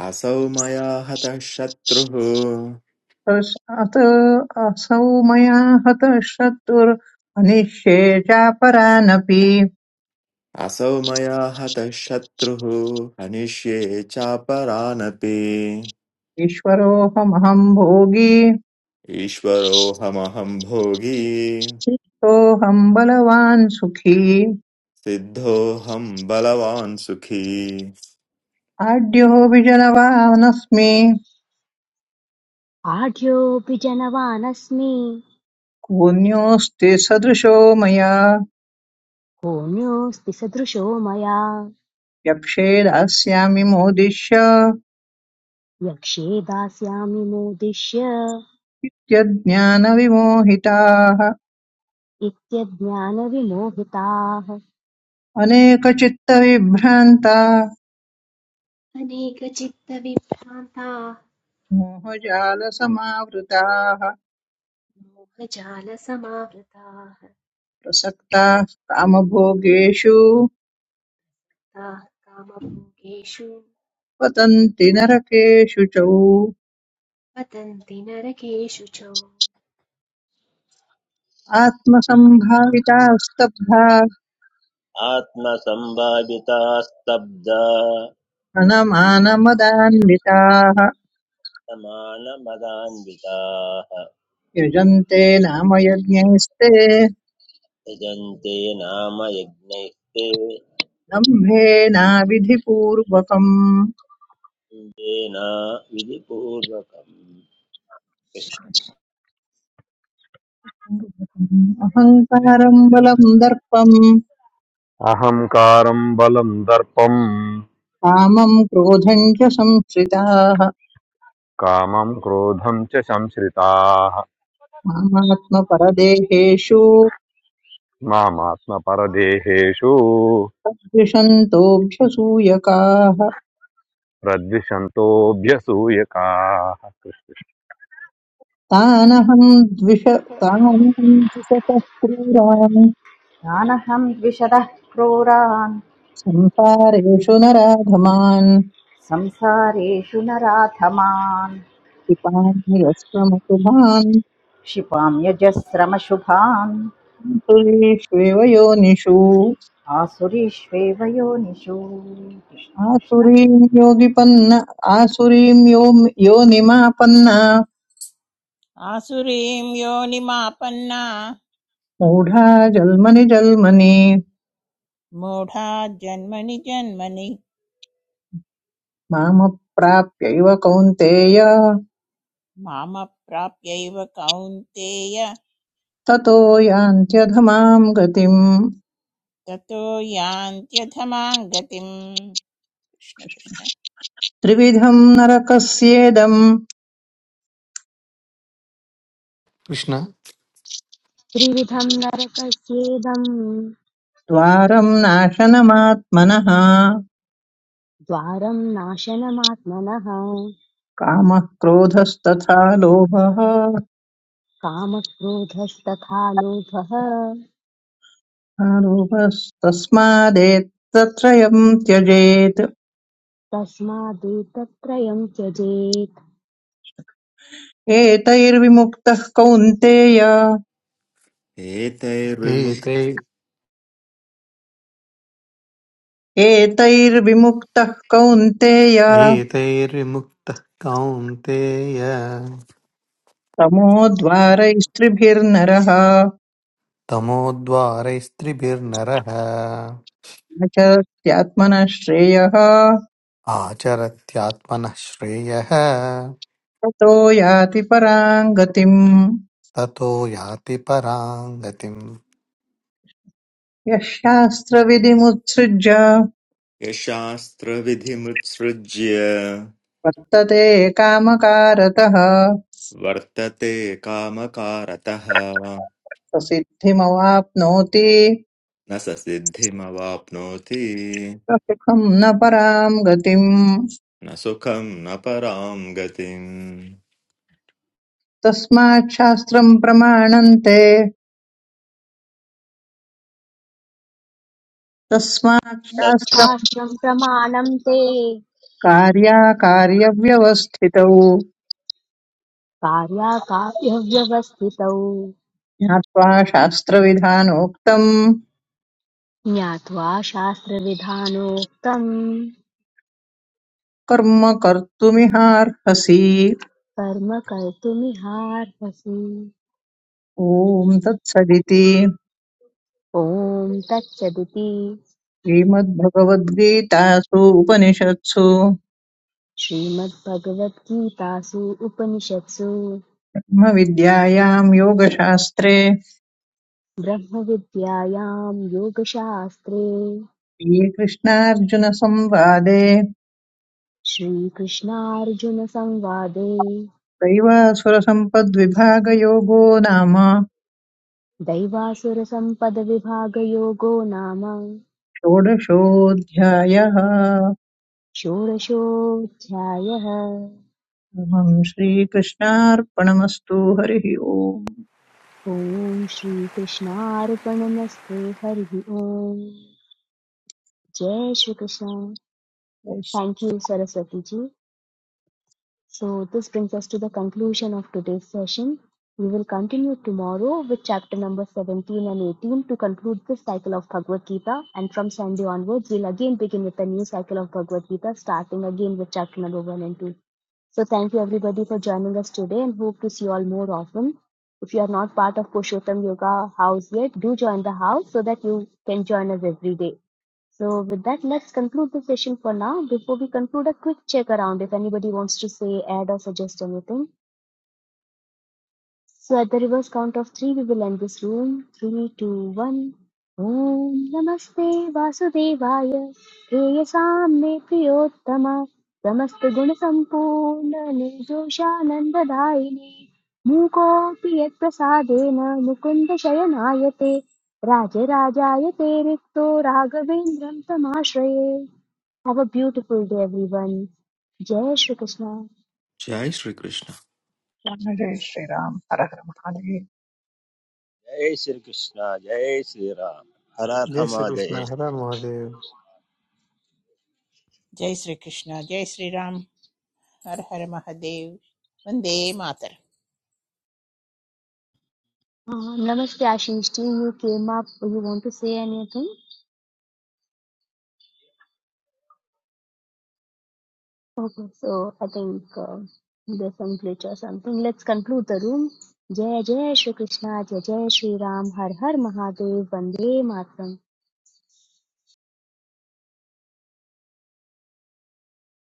[SPEAKER 11] असौ मया हतः शत्रुः
[SPEAKER 3] पश्चात् असौ मया हतः शत्रुरनिष्ये चापरानपि
[SPEAKER 11] असौ मया हतः शत्रुः हनिष्ये चापरानपि
[SPEAKER 3] ईश्वरोऽहमहं भोगी
[SPEAKER 11] ईश्वरोऽहमहं भोगी
[SPEAKER 3] सोऽहं बलवान् सुखी
[SPEAKER 11] सिद्धोऽहं बलवान् सुखी
[SPEAKER 3] आढ्योऽपि जनवानस्मि
[SPEAKER 1] आढ्योऽपि जनवानस्मि
[SPEAKER 3] कोऽन्योऽस्ति सदृशो मया
[SPEAKER 1] होम्योऽस्ति सदृशो मया
[SPEAKER 3] यक्षे दास्यामि मोदिश्य
[SPEAKER 1] यक्ष्ये दास्यामि मोदिष्य
[SPEAKER 3] यज्ञानविमोहिताः
[SPEAKER 1] इत्यज्ञानविमोहिताः
[SPEAKER 3] अनेकचित्तविभ्रान्ता
[SPEAKER 2] अनेकचित्तविभ्रान्ताः
[SPEAKER 3] मोहजालसमावृताः
[SPEAKER 2] मोहजालसमावृताः
[SPEAKER 3] प्रसक्ताः कामभोगेषु
[SPEAKER 2] ताः कामभोगेषु
[SPEAKER 3] पतन्ति नरकेषु च
[SPEAKER 2] पतन्ति नरकेषु च
[SPEAKER 3] आत्मसम्भाविताः स्तब्धाः
[SPEAKER 5] आत्मसम्भाविता स्तब्धा
[SPEAKER 3] अनमानमदान्विताः
[SPEAKER 5] समानमदान्विताः
[SPEAKER 3] यजन्ते नाम यज्ञैस्ते
[SPEAKER 5] यजन्ते नाम यज्ञैस्ते
[SPEAKER 3] दम्भेनाविधिपूर्वकम्
[SPEAKER 5] येन विधिपूर्वकम् कृष्ण-
[SPEAKER 3] अहङ्कारम् बलम् दर्पम्
[SPEAKER 6] अहङ्कारम् बलम् दर्पम्
[SPEAKER 3] कामम् क्रोधम् च संश्रिताः
[SPEAKER 6] कामम् क्रोधम् च संश्रिताः
[SPEAKER 3] मामात्मपरदेहेषु
[SPEAKER 6] मामात्मपरदेहेषु
[SPEAKER 3] सदृशन्तोऽभ्यसूयकाः
[SPEAKER 6] प्रद्विषन्तोऽभ्यसूयकाः
[SPEAKER 3] तानहं द्विष तानहं द्विषतः क्रूरान्
[SPEAKER 7] तानहं द्विषदः क्रूरान्
[SPEAKER 3] संसारेषु नराधमान्
[SPEAKER 7] संसारेषु नराधमान्
[SPEAKER 3] पिपान्यस्त्वमसुभान्
[SPEAKER 7] क्षिपाम्यजस्रमशुभान्
[SPEAKER 3] आसुरीष्वेव योनिषु
[SPEAKER 7] आसुरीष्वेव योनिषु कृष्ण कृष्ण
[SPEAKER 3] आसुरीं योगिपन्न आसुरीं यो योनिमापन्ना
[SPEAKER 9] आसुरीं योनिमापन्ना
[SPEAKER 3] मूढा जल्मनि जल्मनि
[SPEAKER 9] मूढा जन्मनि जन्मनि
[SPEAKER 3] मामप्राप्यैव कौन्तेय
[SPEAKER 9] मामप्राप्यैव कौन्तेय
[SPEAKER 3] ततो यान्त्यधमां गतिम्
[SPEAKER 9] ततो यान्त्यधमां गतिम् कृष्ण कृष्ण
[SPEAKER 3] त्रिविधं नरकस्येदम्
[SPEAKER 10] कृष्ण
[SPEAKER 1] त्रिविधं नरकस्येदम्
[SPEAKER 3] द्वारम् नाशनमात्मनः
[SPEAKER 1] द्वारं नाशनमात्मनः
[SPEAKER 3] कामः क्रोधस्तथा लोभः
[SPEAKER 1] कामक्रोधस्तथा लोभः
[SPEAKER 3] लोभस्तस्मादेतत्रयम् त्यजेत्
[SPEAKER 1] तस्मादेतत्त्रयं त्यजेत्
[SPEAKER 3] एतैर्विमुक्तः कौन्तेय
[SPEAKER 11] एतैर्विमु
[SPEAKER 10] एतै
[SPEAKER 3] एतैर्विमुक्तः कौन्तेय
[SPEAKER 10] एतैर्विमुक्तः कौन्तेय
[SPEAKER 3] तमोद्वारैस्त्रिभिर्नरः
[SPEAKER 10] तमोद्वारैस्त्रिभिर्नरः
[SPEAKER 3] न च स्यात्मनः श्रेयः
[SPEAKER 10] आचरत्यात्मनः श्रेयः
[SPEAKER 3] ततो याति पराम् गतिम्
[SPEAKER 10] ततो याति परां गतिम्
[SPEAKER 3] यः शास्त्रविधिमुत्सृज्य
[SPEAKER 11] यशास्त्रविधिमुत्सृज्य
[SPEAKER 3] वर्तते कामकारतः
[SPEAKER 11] वर्तते कामकारतः
[SPEAKER 3] प्रसिद्धिमवाप्नोति
[SPEAKER 11] न स सिद्धिमवाप्नोति
[SPEAKER 3] सुखं न परां गतिम्
[SPEAKER 11] न सुखं न परां गतिम्
[SPEAKER 3] तस्मात् शास्त्रम् प्रमाणन्ते तस्मात्
[SPEAKER 5] तत्-
[SPEAKER 3] शास्त्रम्
[SPEAKER 1] शास्त्रं प्रमाणं ते
[SPEAKER 3] कार्याकार्यव्यवस्थितौ
[SPEAKER 1] कार्याकार्यव्यवस्थितौ
[SPEAKER 3] ज्ञात्वा शास्त्रविधानोक्तम्
[SPEAKER 1] ज्ञात्वा शास्त्रविधानोक्तं
[SPEAKER 3] कर्म कर्तुमिहार्हसि
[SPEAKER 1] कर्म कर्तुमिहार्हसि
[SPEAKER 3] ॐ तत्सदिति
[SPEAKER 1] ॐ तत्सदिति
[SPEAKER 3] श्रीमद्भगवद्गीतासु उपनिषत्सु
[SPEAKER 1] श्रीमद्भगवद्गीतासु उपनिषत्सु
[SPEAKER 3] ब्रह्मविद्यायां योगशास्त्रे
[SPEAKER 1] ब्रह्मविद्यायां योगशास्त्रे
[SPEAKER 3] श्रीकृष्णार्जुनसंवादे
[SPEAKER 1] श्रीकृष्णार्जुनसंवादे
[SPEAKER 3] दैवासुरसम्पद्विभागयोगो नाम
[SPEAKER 1] दैवासुरसम्पदविभागयोगो नाम
[SPEAKER 3] षोडशोऽध्यायः सर्वं
[SPEAKER 1] षोडशोऽध्यायः
[SPEAKER 3] श्रीकृष्णार्पणमस्तु हरिः ओम्
[SPEAKER 1] ॐ श्रीकृष्णार्पणमस्तु हरिः ओम् Jai Shri Krishna.
[SPEAKER 3] जय
[SPEAKER 1] Thank you,
[SPEAKER 3] Shri-
[SPEAKER 1] Saraswati ji. So, this brings us to the conclusion of today's session. We will continue tomorrow with chapter number 17 and 18 to conclude this cycle of Bhagavad Gita. And from Sunday onwards, we'll again begin with a new cycle of Bhagavad Gita, starting again with chapter number 1 and 2. So, thank you everybody for joining us today and hope to see you all more often. If you are not part of Purushottam Yoga house yet, do join the house so that you can join us every day. So with that, let's conclude the session for now. Before we conclude, a quick check around if anybody wants to say, add, or suggest anything. So at the reverse count of three, we will end this room. Three, two, one. ओम नमस्ते वासुदेवाय प्रेयसाम्ये प्रियोत्तम समस्त गुण संपूर्ण निर्दोषानन्ददायिने मूकोऽपि यत्प्रसादेन मुकुन्द शयनायते राजराजाय ते रिक्तो राघवेन्द्रं तमाश्रये Have a beautiful day, everyone. Jai Shri Krishna.
[SPEAKER 11] जय श्रीकृष्ण
[SPEAKER 3] जय श्रीराम हर हर महादेव
[SPEAKER 5] जय श्रीकृष्ण जय श्रीराम हर हर
[SPEAKER 10] Yes,
[SPEAKER 5] Mahadev
[SPEAKER 10] Krishna, Hara Mahadev.
[SPEAKER 9] जय श्री कृष्ण जय श्री राम हर हर महादेव वंदे मातर
[SPEAKER 1] Uh, namaste, Ashish team. You came up. You want to say anything? Okay, so I think uh, there's some glitch or something. Let's conclude the room. Jai Jai Shri Krishna, Jai Jai Shri Ram, Har Har Mahadev, Vande Matram.